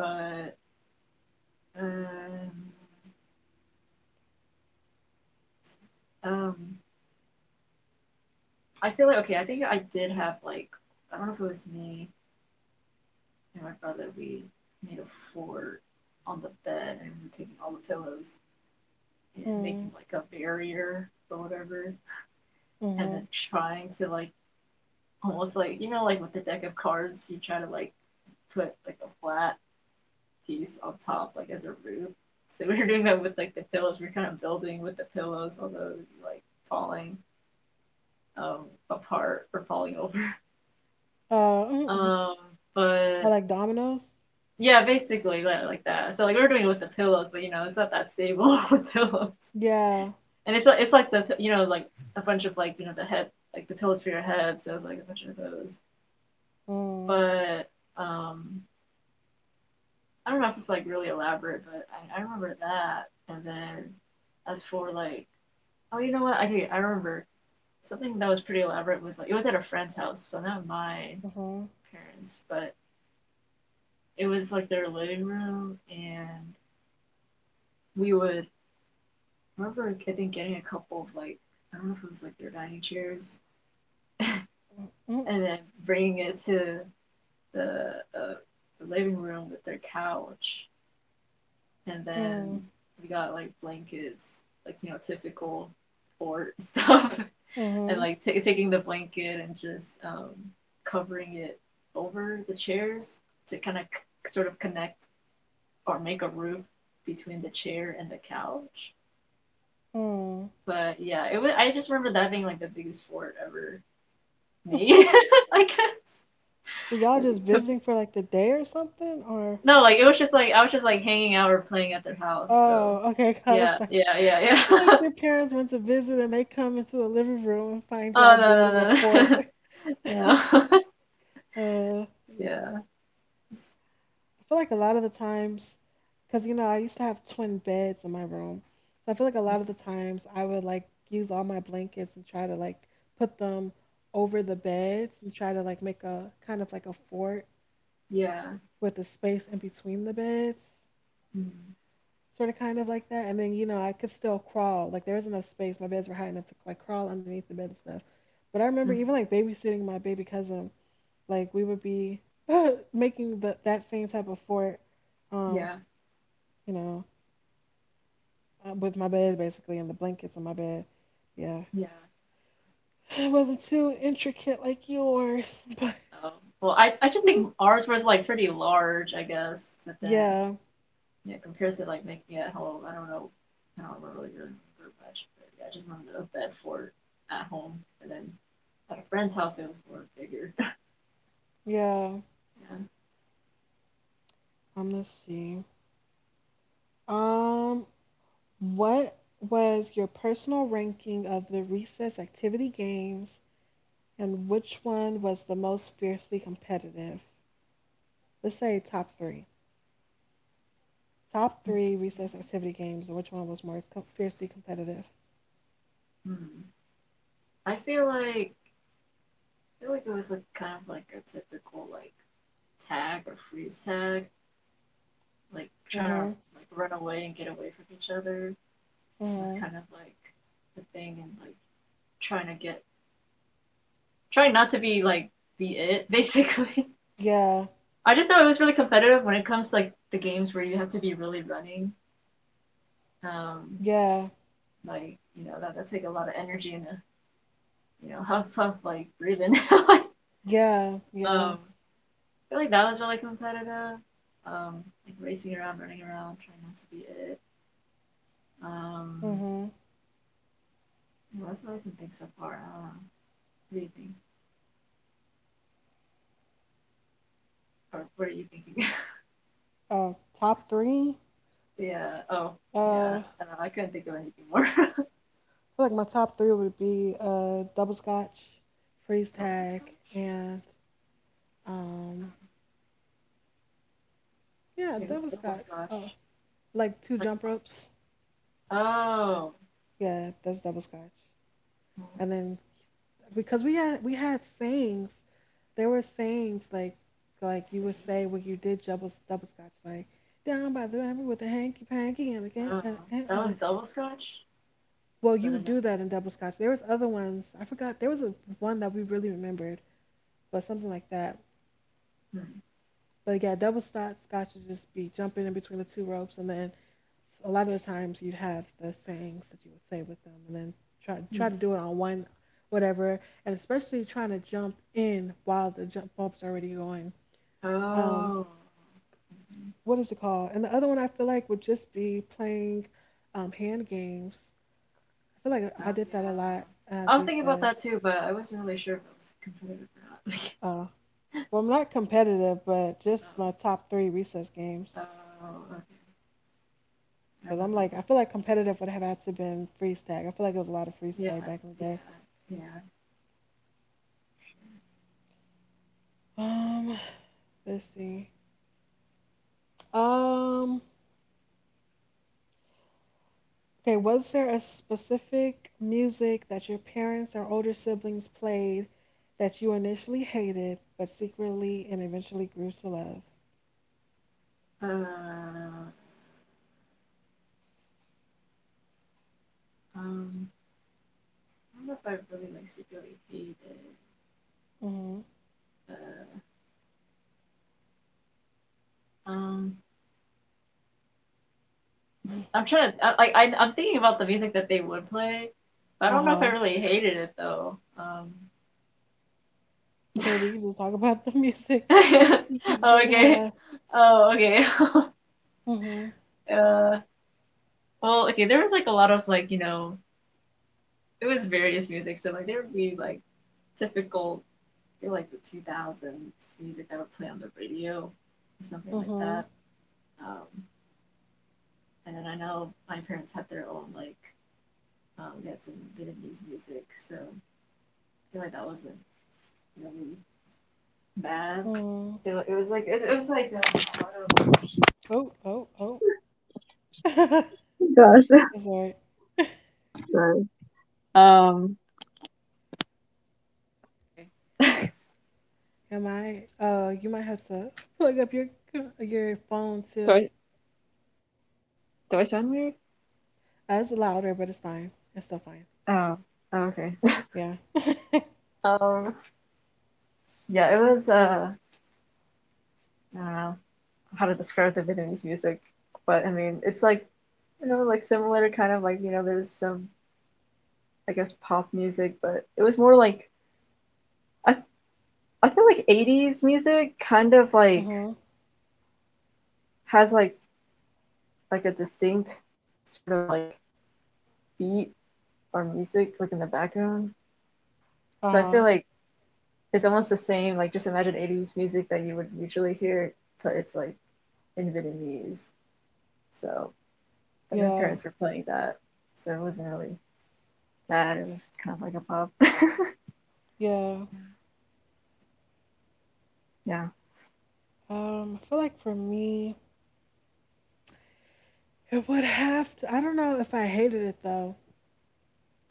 [SPEAKER 2] But um, um, I feel like okay. I think I did have like I don't know if it was me and my brother. We made a fort on the bed and we were taking all the pillows and making
[SPEAKER 1] Mm-hmm.
[SPEAKER 2] like a barrier or whatever, and
[SPEAKER 1] Mm-hmm.
[SPEAKER 2] then trying to like almost like you know like with the deck of cards, you try to like put like a flat piece on top like as a roof. So we were doing that with like the pillows. We are kind of building with the pillows, although like falling um, apart or falling over.
[SPEAKER 1] Uh, mm-mm.
[SPEAKER 2] Um,
[SPEAKER 1] Or
[SPEAKER 2] but
[SPEAKER 1] like dominoes?
[SPEAKER 2] yeah, basically like, like that. So like we are doing it with the pillows, but you know it's not that stable with pillows.
[SPEAKER 1] Yeah.
[SPEAKER 2] And it's like it's like the you know like a bunch of like you know the head like the pillows for your head, so it's like a bunch of those.
[SPEAKER 1] Mm-hmm.
[SPEAKER 2] But um, I don't know if it's like really elaborate, but I, I remember that. And then as for like oh you know what I do I remember something that was pretty elaborate was like it was at a friend's house, so not my
[SPEAKER 1] Mm-hmm.
[SPEAKER 2] parents, but it was like their living room, and we would remember I think getting a couple of like I don't know if it was like their dining chairs, and then bringing it to the, uh, the living room with their couch, and
[SPEAKER 1] Mm-hmm.
[SPEAKER 2] then we got like blankets, like you know typical port stuff, and
[SPEAKER 1] Mm-hmm.
[SPEAKER 2] like ta taking the blanket and just um, covering it over the chairs to kind of c- sort of connect or make a roof between the chair and the couch.
[SPEAKER 1] Mm-hmm.
[SPEAKER 2] But yeah, it was. I just remember that being like the biggest fort ever made. I guess.
[SPEAKER 1] Were y'all just visiting for like the day or something? Or
[SPEAKER 2] No, like it was just like I was just like hanging out or playing at their house. So
[SPEAKER 1] oh, okay.
[SPEAKER 2] yeah,
[SPEAKER 1] Cause like,
[SPEAKER 2] yeah, yeah,
[SPEAKER 1] like
[SPEAKER 2] yeah.
[SPEAKER 1] your parents went to visit and they come into the living room and find
[SPEAKER 2] Oh
[SPEAKER 1] y'all
[SPEAKER 2] no,
[SPEAKER 1] building a
[SPEAKER 2] no, no,
[SPEAKER 1] fort.
[SPEAKER 2] no. No.
[SPEAKER 1] uh,
[SPEAKER 2] Yeah.
[SPEAKER 1] I feel like a lot of the times, because you know I used to have twin beds in my room, so I feel like a lot of the times I would like use all my blankets and try to like put them over the beds and try to like make a kind of like a fort
[SPEAKER 2] Yeah.
[SPEAKER 1] with the space in between the beds.
[SPEAKER 2] Mm.
[SPEAKER 1] Sort of kind of like that. And then, you know, I could still crawl. Like there was enough space. My beds were high enough to like crawl underneath the bed and stuff. But I remember
[SPEAKER 2] Mm.
[SPEAKER 1] even like babysitting my baby cousin, like we would be making the, that same type of fort, um,
[SPEAKER 2] Yeah.
[SPEAKER 1] you know, uh, with my bed
[SPEAKER 2] Mm.
[SPEAKER 1] basically and the blankets in my bed. Yeah.
[SPEAKER 2] Yeah.
[SPEAKER 1] It wasn't too intricate like yours, but
[SPEAKER 2] Oh. Well, I I just think ours was like pretty large, I guess, but then
[SPEAKER 1] yeah,
[SPEAKER 2] yeah, compared to like making it at home, I don't know. I don't really remember much, but yeah, I just remember a bed fort at home, and then at a friend's house it was more bigger.
[SPEAKER 1] yeah.
[SPEAKER 2] Yeah.
[SPEAKER 1] Um, let's see. Um, what was your personal ranking of the recess activity games and which one was the most fiercely competitive? Let's say top three. Top
[SPEAKER 2] Okay.
[SPEAKER 1] three recess activity games, and which one was more co- fiercely competitive?
[SPEAKER 2] Hmm. I feel like I feel like it was like kind of like a typical like tag or freeze tag, like
[SPEAKER 1] Mm
[SPEAKER 2] trying to
[SPEAKER 1] hmm.
[SPEAKER 2] like run away and get away from each other. It
[SPEAKER 1] Mm
[SPEAKER 2] was kind of
[SPEAKER 1] hmm.
[SPEAKER 2] like the thing, and like trying to get trying not to be like be it basically.
[SPEAKER 1] Yeah.
[SPEAKER 2] I just know it was really competitive when it comes to like the games where you have to be really running. Um,
[SPEAKER 1] Yeah.
[SPEAKER 2] like you know that that take a lot of energy and uh, you know huff huff like breathing.
[SPEAKER 1] Yeah. Yeah.
[SPEAKER 2] um, I feel like that was really competitive. Um, like racing around, running around, trying not to be it.
[SPEAKER 1] Mm
[SPEAKER 2] Um,
[SPEAKER 1] hmm.
[SPEAKER 2] well, that's what I can think so far. I don't know. What do you think? Or what are you thinking?
[SPEAKER 1] Uh, top three?
[SPEAKER 2] Yeah. Oh, yeah.
[SPEAKER 1] Uh, I
[SPEAKER 2] I don't, I don't know. I couldn't think of anything more.
[SPEAKER 1] feel like my top three would be uh, double scotch, freeze
[SPEAKER 2] Double scotch.
[SPEAKER 1] tag, and um,
[SPEAKER 2] Um,
[SPEAKER 1] yeah,
[SPEAKER 2] Wait, what's
[SPEAKER 1] double
[SPEAKER 2] double
[SPEAKER 1] scotch. Oh,
[SPEAKER 2] scotch?
[SPEAKER 1] like two
[SPEAKER 2] Like,
[SPEAKER 1] jump
[SPEAKER 2] uh,
[SPEAKER 1] ropes.
[SPEAKER 2] oh,
[SPEAKER 1] Yeah, that's double scotch.
[SPEAKER 2] well,
[SPEAKER 1] And then because we had we had sayings. There were sayings like like you would say when you did double double scotch, like down by the river with a hanky panky and again
[SPEAKER 2] Oh,
[SPEAKER 1] and, and
[SPEAKER 2] that
[SPEAKER 1] with
[SPEAKER 2] was
[SPEAKER 1] a...
[SPEAKER 2] double scotch.
[SPEAKER 1] Well, you
[SPEAKER 2] What is
[SPEAKER 1] would
[SPEAKER 2] that?
[SPEAKER 1] do that in double scotch. There was other ones I forgot. There was a one that we really remembered, but something like that.
[SPEAKER 2] Hmm.
[SPEAKER 1] But yeah, double scotch scotch would just be jumping in between the two ropes, and then s- a lot of the times you'd have the sayings that you would say with them, and then try try
[SPEAKER 2] Hmm.
[SPEAKER 1] to do it on one, whatever. And especially trying to jump in while the jump bump's already going. um
[SPEAKER 2] Oh. Mhm.
[SPEAKER 1] What is it called? And the other one I feel like would just be playing um, hand games. I feel like I
[SPEAKER 2] Oh
[SPEAKER 1] did that a
[SPEAKER 2] yeah.
[SPEAKER 1] lot
[SPEAKER 2] I
[SPEAKER 1] at
[SPEAKER 2] was thinking about
[SPEAKER 1] recess.
[SPEAKER 2] that too, but I wasn't really sure if it was competitive or not.
[SPEAKER 1] Uh, well, I'm not competitive, but just my top three recess
[SPEAKER 2] Oh,
[SPEAKER 1] games.
[SPEAKER 2] oh, okay. I
[SPEAKER 1] Because
[SPEAKER 2] remember
[SPEAKER 1] I'm like, I
[SPEAKER 2] that.
[SPEAKER 1] feel like competitive would have had to been freeze tag. I feel like it was a lot of freeze
[SPEAKER 2] Yeah,
[SPEAKER 1] tag back in the day.
[SPEAKER 2] yeah, yeah.
[SPEAKER 1] Um, let's see. Um, okay, was there a specific music that your parents or older siblings played that you initially hated but secretly and eventually grew to love?
[SPEAKER 2] Uh, um, I don't know if I really like secretly hated.
[SPEAKER 1] Mm-hmm.
[SPEAKER 2] Uh, um, I'm trying to. I, like, I I'm thinking about the music that they would play, but I don't know if I
[SPEAKER 1] Uh-huh.
[SPEAKER 2] really hated it though. Um.
[SPEAKER 1] Okay, we can just talk about the music. He
[SPEAKER 2] Oh,
[SPEAKER 1] did
[SPEAKER 2] okay.
[SPEAKER 1] have.
[SPEAKER 2] Oh, okay.
[SPEAKER 1] Mm-hmm.
[SPEAKER 2] Uh. Well, okay. There was like a lot of like you know it was various music. So like there would be like typical feel like the two thousands music that would play on the radio or something like
[SPEAKER 1] Mm-hmm.
[SPEAKER 2] that. Um, and then I know my parents had their own like um, they had some Vietnamese music, so I feel like that wasn't really bad.
[SPEAKER 1] Mm-hmm.
[SPEAKER 2] It, it was like it, it was like um,
[SPEAKER 1] Oh, oh, oh.
[SPEAKER 2] Gosh.
[SPEAKER 1] It's all right.
[SPEAKER 2] um
[SPEAKER 1] Am I? Uh, you might have to plug up your co- your phone
[SPEAKER 2] do I
[SPEAKER 1] too.
[SPEAKER 2] do I sound weird?
[SPEAKER 1] Uh, it's louder, but it's fine. It's still fine.
[SPEAKER 2] Oh, okay.
[SPEAKER 1] Yeah.
[SPEAKER 2] Um, yeah, it was uh, I don't know how to describe the Vietnamese music, but I mean, it's like, you know, like similar kind of like, you know, there's some, I guess, pop music, but it was more like, I, I feel like eighties music kind of like
[SPEAKER 1] Mm-hmm.
[SPEAKER 2] has like, like a distinct sort of like beat or music like in the background. So I
[SPEAKER 1] Uh-huh.
[SPEAKER 2] feel like it's almost the same, like just imagine eighties music that you would usually hear, but it's like in Vietnamese. So like my
[SPEAKER 1] Yeah.
[SPEAKER 2] parents were playing that. So it wasn't really that it was kind of like a pop,
[SPEAKER 1] Yeah.
[SPEAKER 2] yeah.
[SPEAKER 1] Um, I feel like for me, it would have to. I don't know if I hated it though.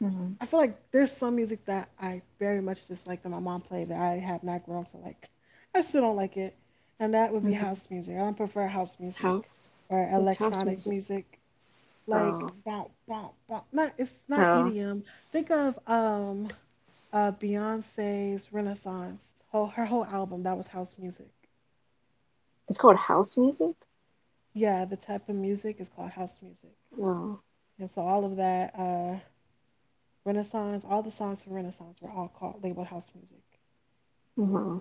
[SPEAKER 2] Mm-hmm.
[SPEAKER 1] I feel like there's some music that I very much dislike that my mom played that I have not grown to like. I still don't like it. And that would be
[SPEAKER 2] Mm-hmm.
[SPEAKER 1] house music. I don't prefer house music
[SPEAKER 2] House.
[SPEAKER 1] or
[SPEAKER 2] What's house
[SPEAKER 1] electronic
[SPEAKER 2] music?
[SPEAKER 1] music. Like
[SPEAKER 2] Oh.
[SPEAKER 1] bump bump bump. Not, it's not
[SPEAKER 2] Oh.
[SPEAKER 1] E D M. Think of um uh Beyonce's Renaissance. Whole, her whole album, that was house music.
[SPEAKER 2] It's called house music.
[SPEAKER 1] Yeah, the type of music is called house music.
[SPEAKER 2] Oh.
[SPEAKER 1] And so all of that uh Renaissance, all the songs from Renaissance were all called, labeled house music.
[SPEAKER 2] Uh-huh.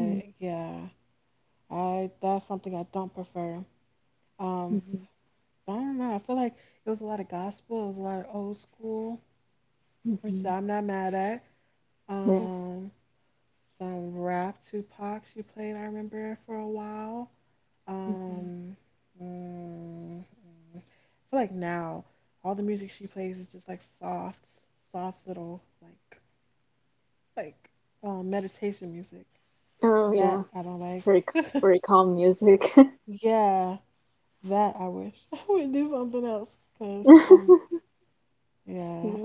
[SPEAKER 2] Mm-hmm.
[SPEAKER 1] yeah. I, that's something I don't prefer. Um,
[SPEAKER 2] Mm-hmm.
[SPEAKER 1] but I don't know. I feel like it was a lot of gospel. It was a lot of old school, which I'm not mad at.
[SPEAKER 2] Yeah.
[SPEAKER 1] Um, some rap, Tupac, she played. I remember for a while.
[SPEAKER 2] Mm-hmm.
[SPEAKER 1] Um, mm, mm. I feel like now all the music she plays is just like soft, soft little like like um, meditation music
[SPEAKER 2] Oh yeah.
[SPEAKER 1] that I don't
[SPEAKER 2] Very
[SPEAKER 1] like.
[SPEAKER 2] very calm music. Yeah.
[SPEAKER 1] Yeah, that I wish I would do something else because um yeah.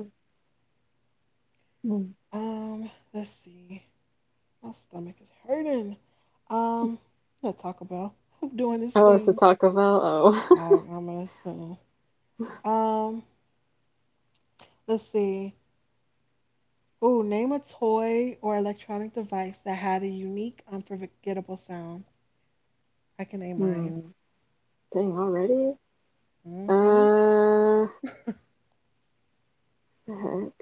[SPEAKER 2] Mm.
[SPEAKER 1] um Let's see, my stomach is hurting. um let's talk about... I'm doing this
[SPEAKER 2] Oh, it's the
[SPEAKER 1] thing.
[SPEAKER 2] Taco Bell.
[SPEAKER 1] I
[SPEAKER 2] Oh.
[SPEAKER 1] I'm gonna assume. um let's see. Ooh, name a toy or electronic device that had a unique, unforgettable sound. I can name mine.
[SPEAKER 2] Hmm. Dang, already?
[SPEAKER 1] Mm-hmm.
[SPEAKER 2] Uh, the heck?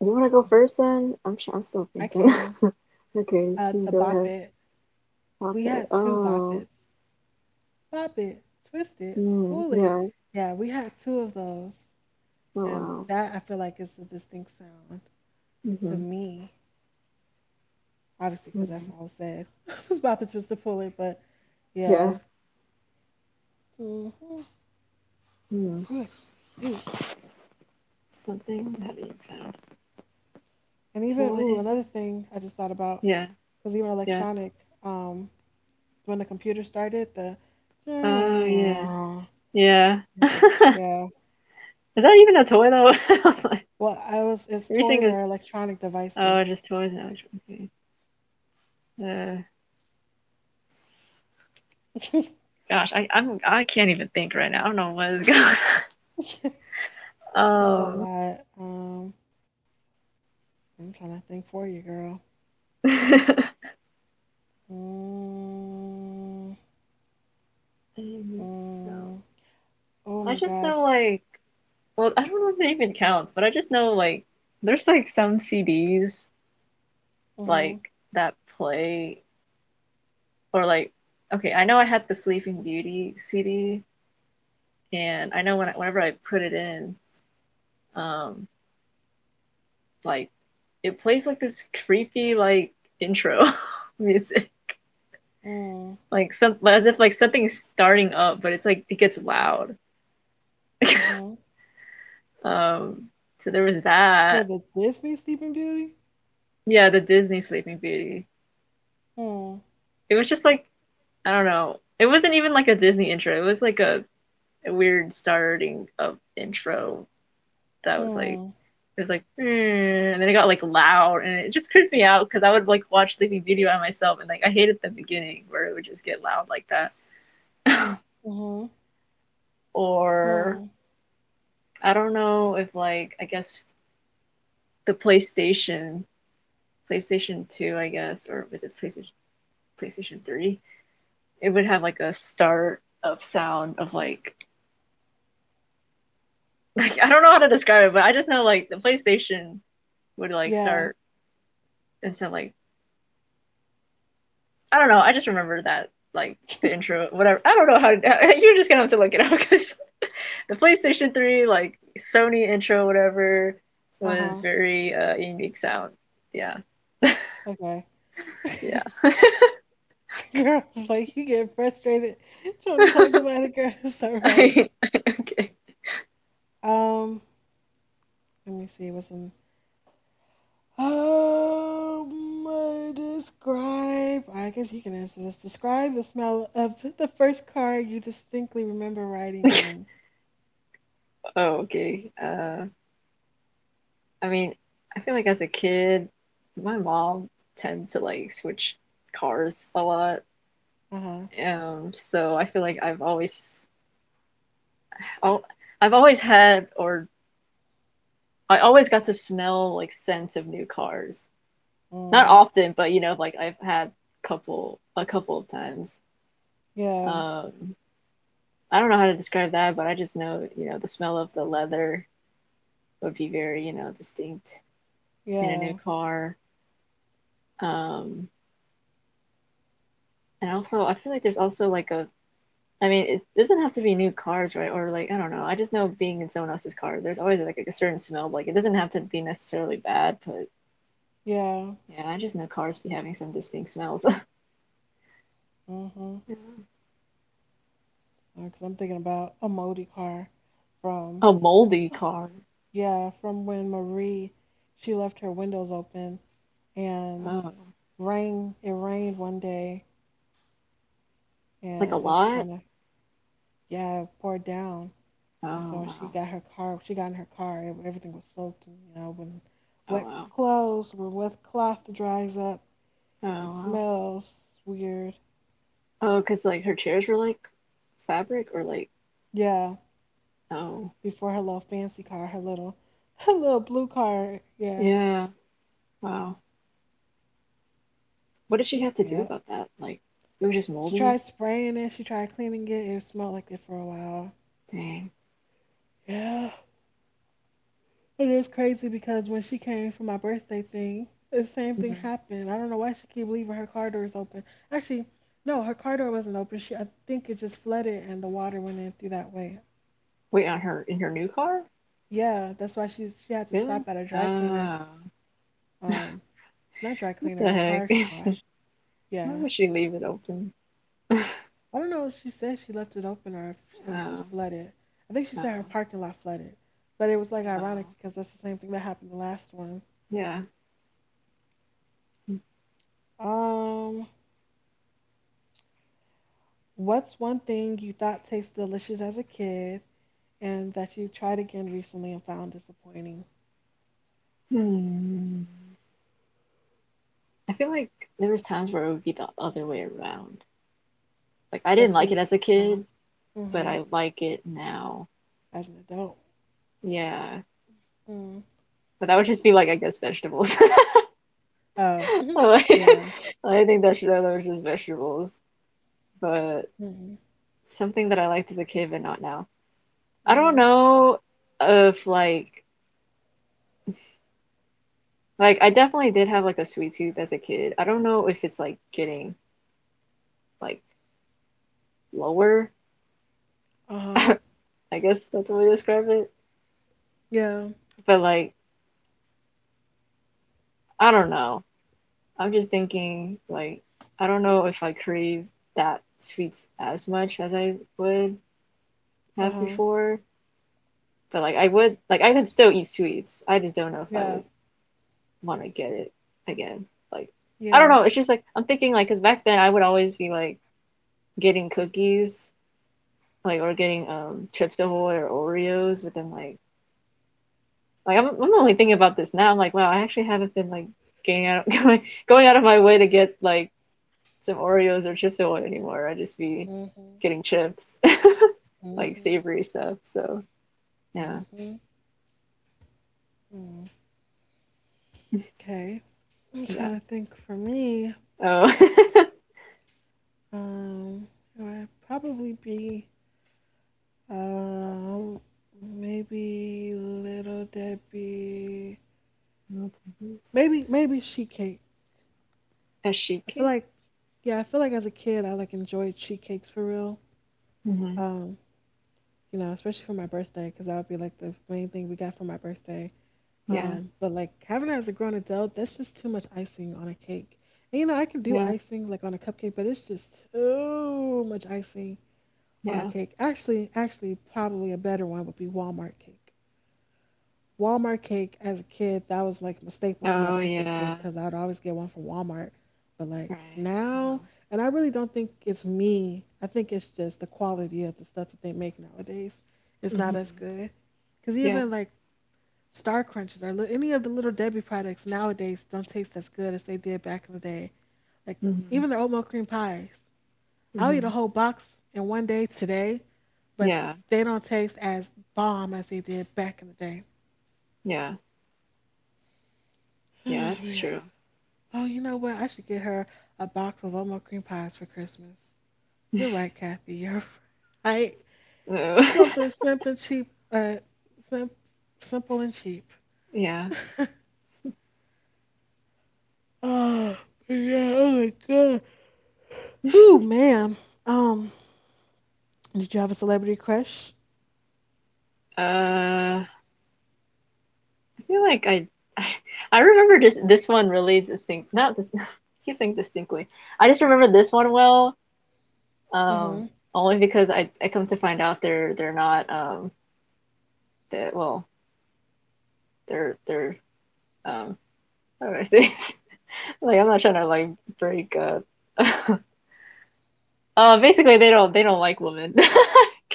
[SPEAKER 2] You want to go
[SPEAKER 1] Hmm.
[SPEAKER 2] first then? I'm tr- I'm still
[SPEAKER 1] I
[SPEAKER 2] thinking.
[SPEAKER 1] can...
[SPEAKER 2] Okay,
[SPEAKER 1] uh
[SPEAKER 2] you
[SPEAKER 1] The
[SPEAKER 2] go
[SPEAKER 1] Bop
[SPEAKER 2] ahead.
[SPEAKER 1] It.
[SPEAKER 2] Pop
[SPEAKER 1] We
[SPEAKER 2] it.
[SPEAKER 1] had two Bop
[SPEAKER 2] Oh,
[SPEAKER 1] Its. Pop it, twist it,
[SPEAKER 2] mm,
[SPEAKER 1] pull it.
[SPEAKER 2] yeah.
[SPEAKER 1] Yeah, we had two of those,
[SPEAKER 2] Oh,
[SPEAKER 1] and
[SPEAKER 2] wow.
[SPEAKER 1] that I feel like is a distinct sound to
[SPEAKER 2] Mm-hmm.
[SPEAKER 1] me. Obviously, because that's
[SPEAKER 2] Mm,
[SPEAKER 1] all I said. I was bopping, twist it, pull it, but
[SPEAKER 2] yeah.
[SPEAKER 1] yeah. Hmm,
[SPEAKER 2] Mm.
[SPEAKER 1] excuse me.
[SPEAKER 2] Something that eats out.
[SPEAKER 1] And even, ooh,
[SPEAKER 2] Toy.
[SPEAKER 1] another thing I just thought about
[SPEAKER 2] Yeah,
[SPEAKER 1] was even
[SPEAKER 2] yeah.
[SPEAKER 1] electronic. Um, when the computer started, the...
[SPEAKER 2] Oh, yeah,
[SPEAKER 1] Okay,
[SPEAKER 2] yeah. Is
[SPEAKER 1] yeah.
[SPEAKER 2] that even a toy though?
[SPEAKER 1] Well, I was, it's
[SPEAKER 2] Every
[SPEAKER 1] toys
[SPEAKER 2] single.
[SPEAKER 1] or electronic
[SPEAKER 2] Oh,
[SPEAKER 1] devices.
[SPEAKER 2] just toys. Now. Okay. Uh, gosh, I I'm I can't even think right now. I don't know what is going
[SPEAKER 1] It's a
[SPEAKER 2] on.
[SPEAKER 1] lot. Um, I'm trying to think for you, girl.
[SPEAKER 2] Um.
[SPEAKER 1] Mm,
[SPEAKER 2] I think so.
[SPEAKER 1] mm,
[SPEAKER 2] I
[SPEAKER 1] oh
[SPEAKER 2] just
[SPEAKER 1] my
[SPEAKER 2] know
[SPEAKER 1] gosh.
[SPEAKER 2] like, well, I don't know if it even counts, but I just know like there's like some C Ds like
[SPEAKER 1] Mm-hmm.
[SPEAKER 2] that play, or like, okay, I know I had the Sleeping Beauty C D. And I know when I, whenever I put it in, um like it plays like this creepy like intro music.
[SPEAKER 1] Mm,
[SPEAKER 2] Like some, as if like something's starting up, but it's like it gets loud.
[SPEAKER 1] mm-hmm.
[SPEAKER 2] um so there was
[SPEAKER 1] For
[SPEAKER 2] that.
[SPEAKER 1] the Disney Sleeping Beauty?
[SPEAKER 2] Yeah, the Disney Sleeping Beauty,
[SPEAKER 1] Mm,
[SPEAKER 2] it was just like, I don't know. It wasn't even like a Disney intro. It was like a, a weird starting of intro that was like,
[SPEAKER 1] mm,
[SPEAKER 2] it was like "Mm," and then it got like loud and it just creeped me out because I would like watch Sleeping Beauty by myself and like I hated the beginning where it would just get loud like that.
[SPEAKER 1] mm-hmm.
[SPEAKER 2] Or
[SPEAKER 1] Mm.
[SPEAKER 2] I don't know if like I guess the PlayStation PlayStation two, I guess, or was it PlayStation PlayStation three. It would have like a start of sound of like like I don't know how to describe it, but I just know like the PlayStation would like
[SPEAKER 1] Yeah.
[SPEAKER 2] start, and some like, I don't know. I just remember that, like the intro, whatever. I don't know how, how. You're just gonna have to look it up because the PlayStation Three like Sony intro, whatever, was
[SPEAKER 1] Uh-huh.
[SPEAKER 2] very uh, unique sound. Yeah,
[SPEAKER 1] Okay.
[SPEAKER 2] yeah.
[SPEAKER 1] Girl, it's like you get frustrated trying to talk about it, girl. It's all right.
[SPEAKER 2] I, okay.
[SPEAKER 1] Um, Let me see what's in. Um, uh, describe... I guess you can answer this. Describe the smell of the first car you distinctly remember riding in.
[SPEAKER 2] Oh, okay. Uh, I mean, I feel like as a kid, my mom tend to like switch cars a lot.
[SPEAKER 1] Uh huh.
[SPEAKER 2] Um, so I feel like I've always, i I've always had, or I always got to smell like scents of new cars. Not
[SPEAKER 1] Mm,
[SPEAKER 2] often, but you know, like I've had couple a couple of times.
[SPEAKER 1] yeah.
[SPEAKER 2] Um, I don't know how to describe that, but I just know, you know, the smell of the leather would be very, you know, distinct in a new
[SPEAKER 1] Yeah.
[SPEAKER 2] car. Um, and also, I feel like there's also like a, I mean, it doesn't have to be new cars, right? Or like, I don't know. I just know being in someone else's car, there's always like a certain smell. Like, it doesn't have to be necessarily bad, but
[SPEAKER 1] Yeah.
[SPEAKER 2] yeah, I just know cars be having some distinct smells.
[SPEAKER 1] Mm-hmm.
[SPEAKER 2] Yeah.
[SPEAKER 1] Because I'm thinking about a Modi car from...
[SPEAKER 2] A moldy car.
[SPEAKER 1] Yeah, from when Marie, she left her windows open and
[SPEAKER 2] Oh,
[SPEAKER 1] rain. It rained one day,
[SPEAKER 2] like a
[SPEAKER 1] and it's
[SPEAKER 2] lot?
[SPEAKER 1] kind of, yeah, poured down. And
[SPEAKER 2] Oh,
[SPEAKER 1] so she
[SPEAKER 2] wow.
[SPEAKER 1] got her car. She got in her car. ev- Everything was soaked. And you know, when
[SPEAKER 2] Oh,
[SPEAKER 1] wet
[SPEAKER 2] wow.
[SPEAKER 1] clothes, when wet cloth dries up,
[SPEAKER 2] Oh,
[SPEAKER 1] it
[SPEAKER 2] wow.
[SPEAKER 1] smells weird.
[SPEAKER 2] Oh, because like her chairs were like fabric or like,
[SPEAKER 1] Yeah.
[SPEAKER 2] oh,
[SPEAKER 1] Before her little fancy car, her little, her little blue car. Yeah.
[SPEAKER 2] yeah. Wow. What did she have to do
[SPEAKER 1] Yeah.
[SPEAKER 2] about that? Like, it was just
[SPEAKER 1] She
[SPEAKER 2] moldy?
[SPEAKER 1] tried spraying it. She tried cleaning it. It smelled like it for a while.
[SPEAKER 2] Dang.
[SPEAKER 1] Yeah. It is crazy because when she came for my birthday thing, the same thing
[SPEAKER 2] Mhm.
[SPEAKER 1] happened. I don't know why she keep leaving her car doors open. Actually, no, her car door wasn't open. She, I think it just flooded and the water went in through that way.
[SPEAKER 2] Wait, on her, in her new car?
[SPEAKER 1] Yeah, that's why she's she had to
[SPEAKER 2] Really?
[SPEAKER 1] stop at a dry cleaner.
[SPEAKER 2] Oh.
[SPEAKER 1] Um, not dry
[SPEAKER 2] What
[SPEAKER 1] cleaner,
[SPEAKER 2] the
[SPEAKER 1] the
[SPEAKER 2] heck?
[SPEAKER 1] car wash.
[SPEAKER 2] Why
[SPEAKER 1] Yeah,
[SPEAKER 2] would she leave it open?
[SPEAKER 1] I don't know if She said she left it open or if it was just
[SPEAKER 2] Oh,
[SPEAKER 1] flooded. I think she said her
[SPEAKER 2] oh,
[SPEAKER 1] parking lot flooded, but it was like ironic
[SPEAKER 2] oh.
[SPEAKER 1] because that's the same thing that happened the last one.
[SPEAKER 2] Yeah.
[SPEAKER 1] Um, What's one thing you thought tasted delicious as a kid and that you tried again recently and found disappointing?
[SPEAKER 2] Hmm. I feel like there was times where it would be the other way around. Like I didn't
[SPEAKER 1] That
[SPEAKER 2] like it
[SPEAKER 1] you,
[SPEAKER 2] as a
[SPEAKER 1] no,
[SPEAKER 2] kid, but
[SPEAKER 1] hmm,
[SPEAKER 2] I like it now.
[SPEAKER 1] as an adult.
[SPEAKER 2] Yeah.
[SPEAKER 1] Mm.
[SPEAKER 2] But that would just be like, I guess, vegetables.
[SPEAKER 1] Oh,
[SPEAKER 2] Like,
[SPEAKER 1] yeah.
[SPEAKER 2] I think that should, that was just vegetables. But
[SPEAKER 1] Hmm.
[SPEAKER 2] something that I liked as a kid but not now. I don't
[SPEAKER 1] Hmm.
[SPEAKER 2] know if like, Like I definitely did have like a sweet tooth as a kid. I don't know if it's like getting like lower.
[SPEAKER 1] Uh-huh.
[SPEAKER 2] I guess that's the way to describe it.
[SPEAKER 1] Yeah.
[SPEAKER 2] But like, I don't know. I'm just thinking like I don't know if I crave that sweets as much as I would have
[SPEAKER 1] Uh-huh.
[SPEAKER 2] before. But like I would like, I could still eat sweets. I just don't know if I
[SPEAKER 1] Yeah.
[SPEAKER 2] would want to get it again. Like, I don't
[SPEAKER 1] Yeah.
[SPEAKER 2] know. It's just like I'm thinking like because back then I would always be like getting cookies like, or getting um chips ahoy or Oreos, but then like, like I'm I'm only thinking about this now. I'm like, wow, I actually haven't been like getting out going going out of my way to get like some Oreos or chips ahoy anymore. I just be
[SPEAKER 1] Hmm.
[SPEAKER 2] getting chips,
[SPEAKER 1] Hmm.
[SPEAKER 2] like
[SPEAKER 1] Hmm.
[SPEAKER 2] savory stuff. So yeah,
[SPEAKER 1] Mm. Okay. I'm
[SPEAKER 2] yeah.
[SPEAKER 1] trying to think for me.
[SPEAKER 2] Oh,
[SPEAKER 1] Um, it would probably be um maybe Little Debbie, Maybe maybe sheet cake. I
[SPEAKER 2] ashiki.
[SPEAKER 1] feel like, yeah, I feel like as a kid I like enjoyed sheet cakes for real.
[SPEAKER 2] Mm-hmm.
[SPEAKER 1] Um, you know, especially for my birthday, because that would be like the main thing we got for my birthday.
[SPEAKER 2] Yeah,
[SPEAKER 1] Um, but like having it as a grown adult, that's just too much icing on a cake. And you know, I can do
[SPEAKER 2] yeah,
[SPEAKER 1] icing like on a cupcake, but it's just too much icing on a
[SPEAKER 2] yeah.
[SPEAKER 1] cake. Actually, actually, probably a better one would be Walmart cake. Walmart cake as a kid, that was like my staple for my
[SPEAKER 2] Oh
[SPEAKER 1] birthday cake
[SPEAKER 2] yeah,
[SPEAKER 1] because I'd always get one from Walmart. But like
[SPEAKER 2] right. Uh-huh.
[SPEAKER 1] now, and I really don't think it's me. I think it's just the quality of the stuff that they make nowadays. It's not
[SPEAKER 2] Mm-hmm.
[SPEAKER 1] as good. Because
[SPEAKER 2] Yeah.
[SPEAKER 1] even like Star Crunches or li- any of the Little Debbie products nowadays don't taste as good as they did back in the day. Like
[SPEAKER 2] Mm-hmm.
[SPEAKER 1] even their oatmeal cream pies. I'll eat a
[SPEAKER 2] Mm-hmm.
[SPEAKER 1] whole box in one day today, but
[SPEAKER 2] Yeah,
[SPEAKER 1] they don't taste as bomb as they did back in the day.
[SPEAKER 2] yeah, yeah. That's
[SPEAKER 1] Yeah.
[SPEAKER 2] true.
[SPEAKER 1] Oh, you know what? I should get her a box of Omo cream pies for Christmas. You're right, Kathy. You're right. Something simple and cheap, uh, sim- simple and cheap.
[SPEAKER 2] yeah.
[SPEAKER 1] Oh, yeah. Oh my God. Whoo, ma'am? Um, did you have a celebrity crush?
[SPEAKER 2] Uh, I feel like I, I remember this this one really distinct. Not this. I keep saying distinctly. I just remember this one well. Um,
[SPEAKER 1] Mm-hmm.
[SPEAKER 2] Only because I I come to find out they're they're not um that well, they're they're um how do I say this? Like, I'm not trying to like break up. Uh, basically, they don't they don't like women.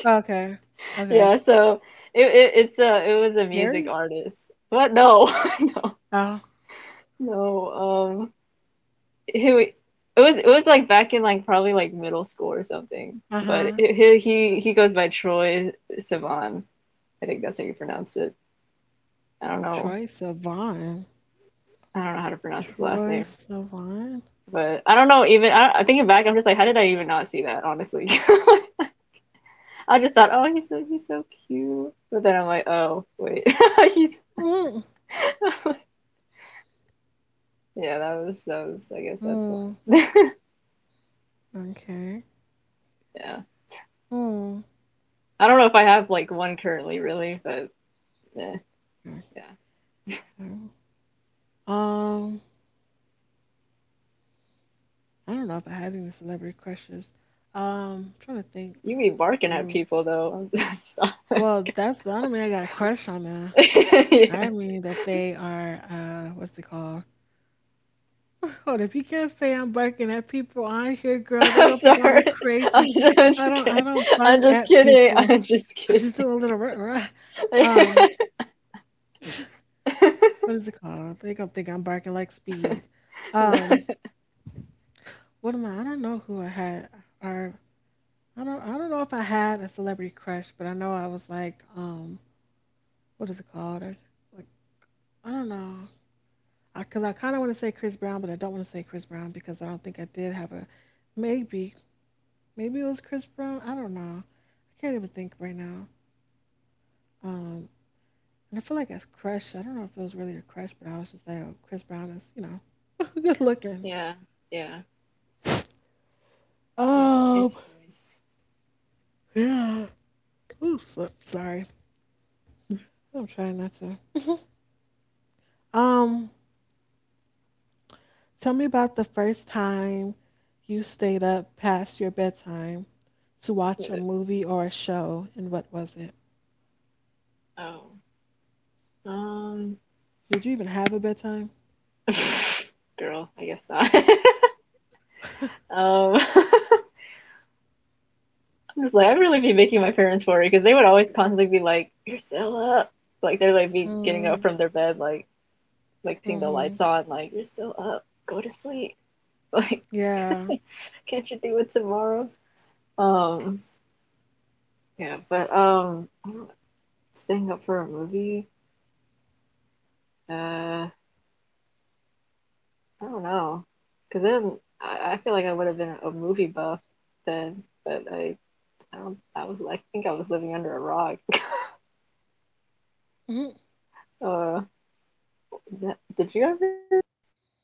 [SPEAKER 1] Okay. Okay.
[SPEAKER 2] Yeah. So it, it it's a it was a music
[SPEAKER 1] Harry?
[SPEAKER 2] artist. What, no.
[SPEAKER 1] Oh,
[SPEAKER 2] No, um, it, it was it was like back in like probably like middle school or something. But
[SPEAKER 1] uh-huh.
[SPEAKER 2] it, he he he goes by Troy Sivan. I think that's how you pronounce it. I don't know.
[SPEAKER 1] Troy Sivan.
[SPEAKER 2] I don't know how to pronounce his last
[SPEAKER 1] Troy
[SPEAKER 2] name.
[SPEAKER 1] Sivan?
[SPEAKER 2] But I don't know. Even I, don't, I thinking back, I'm just like, how did I even not see that? Honestly, I just thought, oh, he's so he's so cute. But then I'm like, oh wait, he's
[SPEAKER 1] Mm.
[SPEAKER 2] yeah. That was that was. I guess that's one.
[SPEAKER 1] Mm.
[SPEAKER 2] Yeah.
[SPEAKER 1] Okay. Mm.
[SPEAKER 2] I don't know if I have like one currently, really, but eh, yeah.
[SPEAKER 1] Okay. Um, I don't know if I had any celebrity crushes. Um, I'm trying to think
[SPEAKER 2] You be barking at
[SPEAKER 1] who.
[SPEAKER 2] people though. Stop.
[SPEAKER 1] Well, that's the, I don't mean I got a crush on them.
[SPEAKER 2] Yeah.
[SPEAKER 1] I mean that they are uh, what's it called? Hold up, you can't say I'm barking at people on here, girl. They
[SPEAKER 2] I'm
[SPEAKER 1] gonna think I'm a
[SPEAKER 2] sorry. I'm
[SPEAKER 1] crazy.
[SPEAKER 2] just, I'm just
[SPEAKER 1] I don't,
[SPEAKER 2] kidding.
[SPEAKER 1] I don't
[SPEAKER 2] I'm
[SPEAKER 1] bark
[SPEAKER 2] just
[SPEAKER 1] at
[SPEAKER 2] kidding.
[SPEAKER 1] people.
[SPEAKER 2] I'm just
[SPEAKER 1] I just do a little rah, rah. Um,
[SPEAKER 2] kidding.
[SPEAKER 1] what is it called? They gonna think I'm barking like speed. Um, what am I? I don't know who I had. Are... I don't I don't know if I had a celebrity crush, but I know I was like, um, what is it called? Or, like, I don't know. I, because I kind of want to say Chris Brown, but I don't want to say Chris Brown because I don't think I did have a... maybe, maybe it was Chris Brown. I don't know. I can't even think right now. Um, and I feel like that's crush. I don't know if it was really a crush, but I was just like, oh, Chris Brown is, you know, good looking.
[SPEAKER 2] Yeah, yeah. He has a
[SPEAKER 1] Um,
[SPEAKER 2] nice voice.
[SPEAKER 1] yeah. Ooh, so, sorry. I'm trying not to. Um, tell me about the first time you stayed up past your bedtime to
[SPEAKER 2] Uh,
[SPEAKER 1] watch a movie or a show, and what was it?
[SPEAKER 2] Oh, um,
[SPEAKER 1] Did you even have a bedtime?
[SPEAKER 2] girl, I guess not. um, I'm just like, I'd really be making my parents worry because they would always constantly be like, "You're still up." Like, they're like be getting up
[SPEAKER 1] Mm,
[SPEAKER 2] from their bed like, like seeing the
[SPEAKER 1] mm-hmm.
[SPEAKER 2] lights on, like you're still up, go to sleep. Like,
[SPEAKER 1] Yeah.
[SPEAKER 2] can't you do it tomorrow? Um, yeah, but um, staying up for a movie, uh, I don't know, cause then I, I feel like I would have been a movie buff then, but I, I don't, I was, I think I was living under a rock.
[SPEAKER 1] Hmm.
[SPEAKER 2] uh, that, did you ever?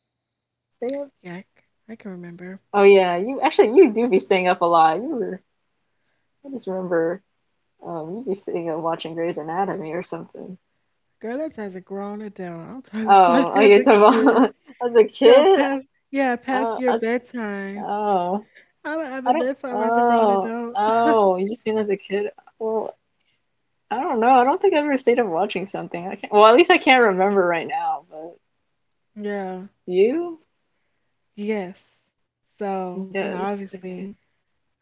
[SPEAKER 2] I don't know, stay up.
[SPEAKER 1] Yeah, I can remember.
[SPEAKER 2] Oh yeah, you actually you do be staying up a lot. You were, I just remember. Um, you'd be sitting and watching Grey's Anatomy or something.
[SPEAKER 1] Girl, that's as a grown adult. I'm talking
[SPEAKER 2] Oh,
[SPEAKER 1] about
[SPEAKER 2] oh,
[SPEAKER 1] as
[SPEAKER 2] you're
[SPEAKER 1] a
[SPEAKER 2] talking
[SPEAKER 1] kid.
[SPEAKER 2] about as a
[SPEAKER 1] Girl,
[SPEAKER 2] kid?
[SPEAKER 1] past, yeah, past
[SPEAKER 2] Oh,
[SPEAKER 1] your
[SPEAKER 2] I,
[SPEAKER 1] bedtime.
[SPEAKER 2] oh,
[SPEAKER 1] I don't have
[SPEAKER 2] I
[SPEAKER 1] a
[SPEAKER 2] don't.
[SPEAKER 1] bedtime as a grown
[SPEAKER 2] Oh,
[SPEAKER 1] adult.
[SPEAKER 2] oh, you just mean as a kid? Well, I don't know. I don't think I ever stayed up watching something. I can't. Well, at least I can't remember right now. But
[SPEAKER 1] Yeah.
[SPEAKER 2] you?
[SPEAKER 1] Yes. So, you know,
[SPEAKER 2] Yes. Okay.
[SPEAKER 1] obviously...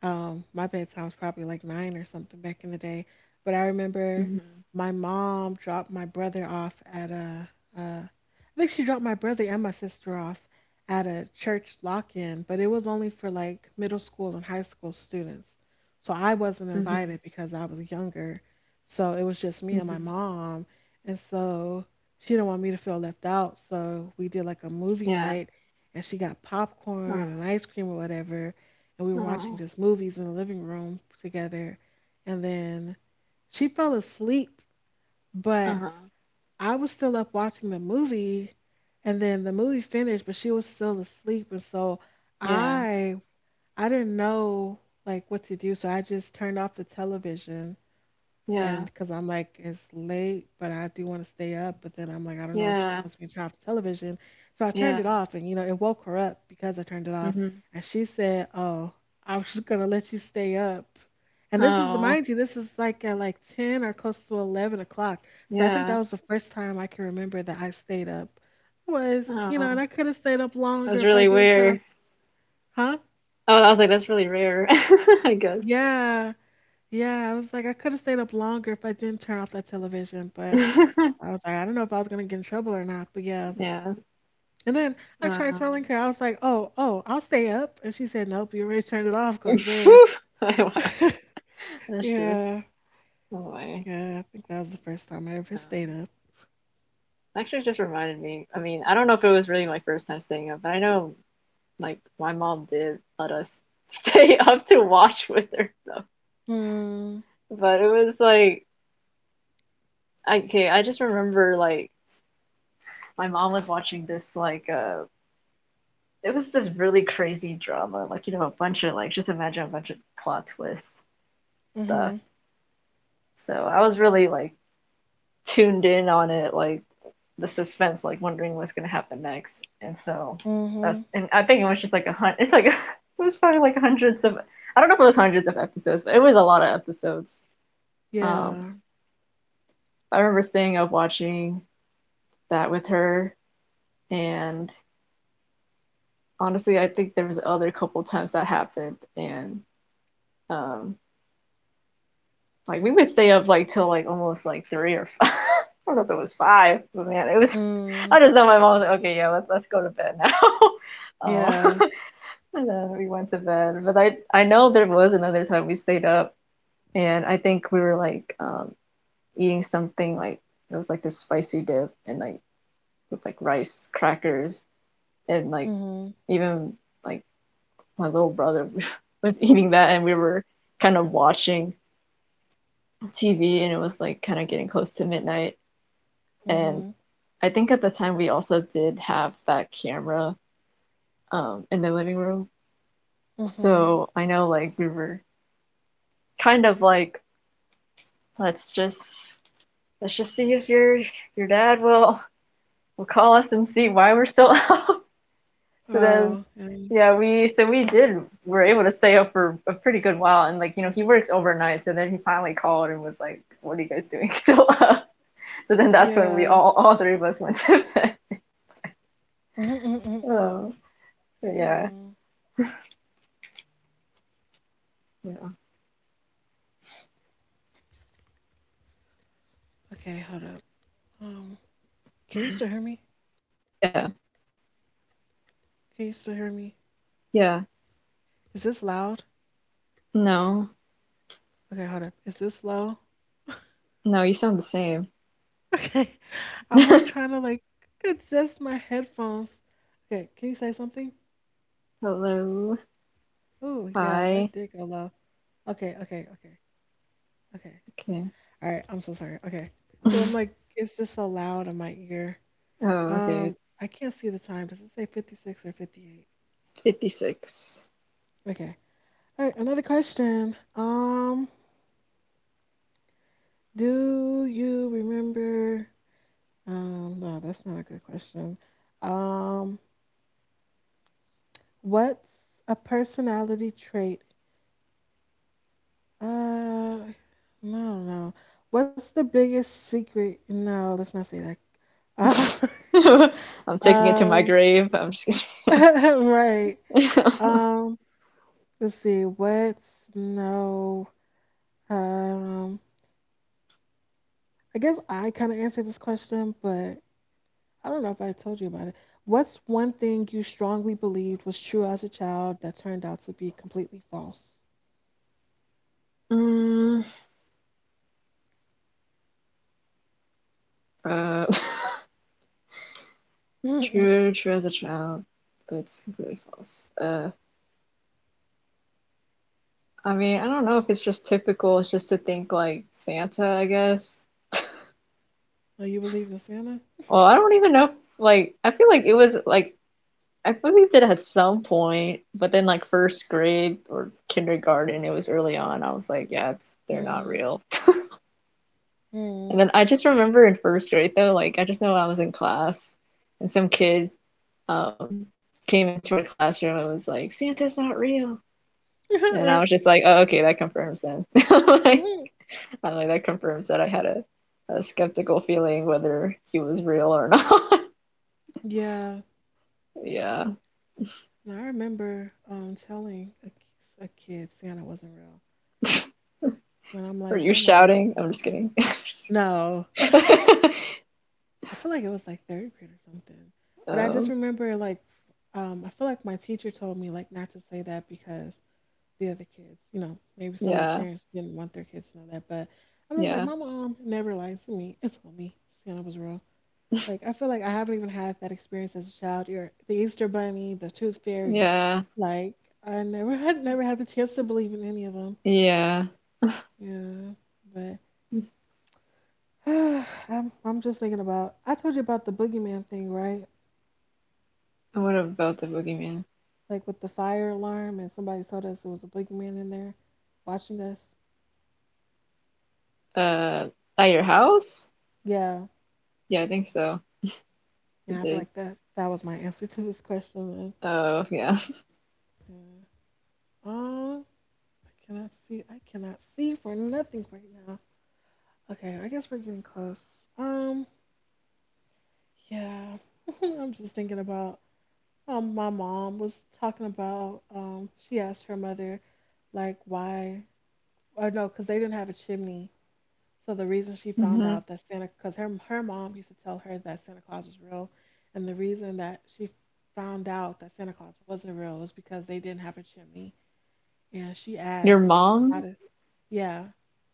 [SPEAKER 1] Um, my bedtime was probably like nine or something back in the day. But I
[SPEAKER 2] Mhm.
[SPEAKER 1] remember my mom dropped my brother off at a, uh, I think she dropped my brother and my sister off at a church lock-in, but it was only for like middle school and high school students. So I wasn't
[SPEAKER 2] Mhm.
[SPEAKER 1] invited because I was younger. So it was just me and
[SPEAKER 2] Mhm.
[SPEAKER 1] my mom. And so she didn't want me to feel left out. So we did like a movie
[SPEAKER 2] Yeah.
[SPEAKER 1] night, and she got
[SPEAKER 2] Uh-huh.
[SPEAKER 1] popcorn and ice cream or whatever, and we were
[SPEAKER 2] Oh.
[SPEAKER 1] watching just movies in the living room together. And then she fell asleep, but
[SPEAKER 2] Uh-huh.
[SPEAKER 1] I was still up watching the movie. And then the movie finished, but she was still asleep. And so
[SPEAKER 2] Yeah.
[SPEAKER 1] I I didn't know like what to do. So I just turned off the television, and
[SPEAKER 2] Yeah.
[SPEAKER 1] because I'm like, it's late, but I do want to stay up. But then I'm like, I don't know if she
[SPEAKER 2] Yeah.
[SPEAKER 1] wants me to turn off the television. So I turned
[SPEAKER 2] Yeah.
[SPEAKER 1] it off, and you know, it woke her up because I turned it off.
[SPEAKER 2] Mhm.
[SPEAKER 1] And she said, "Oh, I was just gonna let you stay up." And this is,
[SPEAKER 2] Oh.
[SPEAKER 1] mind you, this is like at like ten or close to eleven o'clock. So I think that
[SPEAKER 2] Yeah.
[SPEAKER 1] was the first time I can remember that I stayed up. Was you know, and
[SPEAKER 2] Oh.
[SPEAKER 1] I could have stayed up longer
[SPEAKER 2] That's
[SPEAKER 1] if I
[SPEAKER 2] really
[SPEAKER 1] didn't turn off,
[SPEAKER 2] weird.
[SPEAKER 1] huh?
[SPEAKER 2] Oh, I was like, that's really rare, I guess.
[SPEAKER 1] Yeah, yeah. I was like, I could have stayed up longer if I didn't turn off that television, but. I was like, I don't know if I was gonna get in trouble or not, but yeah.
[SPEAKER 2] Yeah.
[SPEAKER 1] And then I tried
[SPEAKER 2] Um,
[SPEAKER 1] telling her, I was like, oh, oh, I'll stay up. And she said, nope, you already turned it off. Go to bed.
[SPEAKER 2] wow. That's just,
[SPEAKER 1] Yeah,
[SPEAKER 2] oh my.
[SPEAKER 1] yeah. I think that was the first time I ever stayed
[SPEAKER 2] Um,
[SPEAKER 1] up.
[SPEAKER 2] Actually, it just reminded me. I mean, I don't know if it was really my first time staying up, but I know, like, my mom did let us stay up to watch with her, though.
[SPEAKER 1] Hmm.
[SPEAKER 2] But it was like, okay, I just remember, like, my mom was watching this, like, uh, it was this really crazy drama, like, you know, a bunch of, like, just imagine a bunch of plot twists stuff.
[SPEAKER 1] Mhm.
[SPEAKER 2] So I was really like tuned in on it, like the suspense, like wondering what's gonna happen next. And so that's,
[SPEAKER 1] Mhm.
[SPEAKER 2] and I think it was just like a hunt. It's like it was probably like hundreds of. I don't know if it was hundreds of episodes, but it was a lot of episodes. Um,
[SPEAKER 1] Yeah.
[SPEAKER 2] I remember staying up watching that with her, and honestly, I think there was other couple times that happened, and um, like we would stay up like till like almost like three or five. I don't know if it was five, but man, it was.
[SPEAKER 1] Mm.
[SPEAKER 2] I just know my mom was like, okay, yeah, let's let's go to bed now. um,
[SPEAKER 1] Yeah.
[SPEAKER 2] and then we went to bed, but I I know there was another time we stayed up, and I think we were like, um, eating something like, it was like this spicy dip and like with like rice crackers, and like
[SPEAKER 1] Mhm.
[SPEAKER 2] even like my little brother was eating that, and we were kind of watching T V, and it was like kind of getting close to midnight. And
[SPEAKER 1] Mhm.
[SPEAKER 2] I think at the time we also did have that camera, um, in the living room.
[SPEAKER 1] Mhm.
[SPEAKER 2] So I know like we were kind of like, let's just let's just see if your your dad will will call us and see why we're still up. So then
[SPEAKER 1] Oh. And
[SPEAKER 2] yeah, we so we did were able to stay up for a pretty good while, and like, you know, he works overnight, so then he finally called and was like, "What are you guys doing still up?" So then that's when we
[SPEAKER 1] yeah.
[SPEAKER 2] all all three of us went to bed.
[SPEAKER 1] Mm. Mhm. Mm. Mhm.
[SPEAKER 2] Oh, yeah.
[SPEAKER 1] Hmm.
[SPEAKER 2] Yeah.
[SPEAKER 1] Okay, hold up. Um, can you still hear me?
[SPEAKER 2] Yeah.
[SPEAKER 1] Can you still hear me?
[SPEAKER 2] Yeah.
[SPEAKER 1] Is this loud?
[SPEAKER 2] No.
[SPEAKER 1] Okay, hold up. Is this low?
[SPEAKER 2] No, you sound the same.
[SPEAKER 1] Okay. I'm like trying to like adjust my headphones. Okay, can you say something?
[SPEAKER 2] Hello.
[SPEAKER 1] Oh, yeah,
[SPEAKER 2] Hi.
[SPEAKER 1] that did go low. Okay, okay, okay, okay.
[SPEAKER 2] Okay.
[SPEAKER 1] All right, I'm so sorry. Okay. 'Cause I'm like, it's just so loud in my ear.
[SPEAKER 2] Oh, okay.
[SPEAKER 1] Um, I can't see the time. Does it say fifty-six or fifty-eight?
[SPEAKER 2] fifty-six.
[SPEAKER 1] Okay. All right, another question. Um, do you remember? Um, no, that's not a good question. Um, What's a personality trait? Uh, no, no. What's the biggest secret? No, let's not say that.
[SPEAKER 2] I'm
[SPEAKER 1] Uh,
[SPEAKER 2] taking it to my
[SPEAKER 1] um,
[SPEAKER 2] grave. I'm just kidding.
[SPEAKER 1] right. Um, let's see. What's no? Um, I guess I kind of answered this question, but I don't know if I told you about it. What's one thing you strongly believed was true as a child that turned out to be completely false?
[SPEAKER 2] mm, uh,
[SPEAKER 1] Mm-mm.
[SPEAKER 2] true, true as a child, but it's completely false. Uh, I mean, I don't know if it's just typical. It's just to think like Santa, I guess.
[SPEAKER 1] Oh, you believe in Santa?
[SPEAKER 2] Well, I don't even know. If, Like, I feel like it was like I believed it at some point, but then like first grade or kindergarten, it was early on. I was like, yeah, it's, they're not
[SPEAKER 1] Mm-hmm.
[SPEAKER 2] real. And then I just remember in first grade, though, like I just know I was in class, and some kid, um, came into our classroom and was like, "Santa's not real." And I
[SPEAKER 1] Yeah.
[SPEAKER 2] was just like, oh, okay, that confirms then. Like, I'm like, that confirms that I had a, a skeptical feeling whether he was real or not. Yeah.
[SPEAKER 1] And I remember um telling a, k- a kid Santa wasn't real. When I'm
[SPEAKER 2] Are
[SPEAKER 1] like,
[SPEAKER 2] you
[SPEAKER 1] yeah, my mom
[SPEAKER 2] shouting?
[SPEAKER 1] told me.
[SPEAKER 2] I'm just kidding.
[SPEAKER 1] No. I feel like it was like third grade or something. But I just
[SPEAKER 2] Oh.
[SPEAKER 1] remember like um I feel like my teacher told me like not to say that because the other kids, you know, maybe some of the
[SPEAKER 2] Yeah,
[SPEAKER 1] parents didn't want their kids to know that, but I was like,
[SPEAKER 2] yeah,
[SPEAKER 1] my mom never lied to me and told me Santa was real. Like I feel like I haven't even had that experience as a child. Or the Easter Bunny, the Tooth Fairy.
[SPEAKER 2] yeah,
[SPEAKER 1] Like I never had never had the chance to believe in any of them.
[SPEAKER 2] yeah.
[SPEAKER 1] Yeah, but I'm I'm just thinking about. I told you about the boogeyman thing, right?
[SPEAKER 2] What about the boogeyman?
[SPEAKER 1] Like with the fire alarm, and somebody told us there was a boogeyman in there, watching us.
[SPEAKER 2] Uh, at your house?
[SPEAKER 1] Yeah,
[SPEAKER 2] Yeah, I think so. You
[SPEAKER 1] yeah. I feel
[SPEAKER 2] did.
[SPEAKER 1] like that that was my answer to this question. Then.
[SPEAKER 2] Oh, yeah.
[SPEAKER 1] Yeah. Um, I cannot see. I cannot see for nothing right now. Okay, I guess we're getting close. Um, Yeah, I'm just thinking about um my mom was talking about um she asked her mother like why, or no, because they didn't have a chimney. So the reason she found
[SPEAKER 2] Hmm.
[SPEAKER 1] out that Santa, because her her mom used to tell her that Santa Claus was real, and the reason that she found out that Santa Claus wasn't real was because they didn't have a chimney. And she
[SPEAKER 2] Your
[SPEAKER 1] asked like how
[SPEAKER 2] mom?
[SPEAKER 1] did, yeah,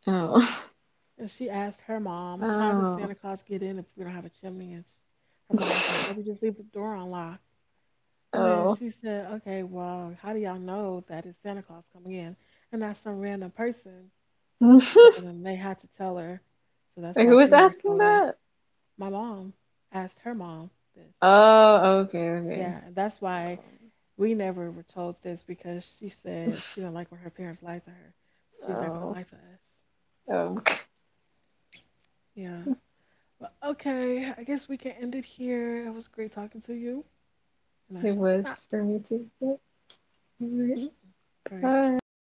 [SPEAKER 2] Oh,
[SPEAKER 1] and she asked her mom, how does
[SPEAKER 2] oh,
[SPEAKER 1] Santa Claus get in if we don't have a chimney? And s- her mom was like, oh, we just leave the door unlocked. And then
[SPEAKER 2] oh.
[SPEAKER 1] she said, "Okay, well, how do y'all know that it's Santa Claus coming in and not some random person?" And so then they had to tell her. So that's
[SPEAKER 2] Wait,
[SPEAKER 1] why
[SPEAKER 2] who
[SPEAKER 1] she
[SPEAKER 2] was
[SPEAKER 1] never
[SPEAKER 2] asking
[SPEAKER 1] told us.
[SPEAKER 2] that?
[SPEAKER 1] My mom asked her mom this.
[SPEAKER 2] Oh, okay, okay.
[SPEAKER 1] Yeah, and that's why
[SPEAKER 2] Um,
[SPEAKER 1] we never were told this because she said she didn't like when her parents lied to her. So she's not going to
[SPEAKER 2] oh,
[SPEAKER 1] lie to us.
[SPEAKER 2] um,
[SPEAKER 1] Yeah. But okay, I guess we can end it here. It was great talking to you, and I
[SPEAKER 2] it
[SPEAKER 1] shall stop.
[SPEAKER 2] was for me too. Yep. All right.
[SPEAKER 1] All right.
[SPEAKER 2] Bye.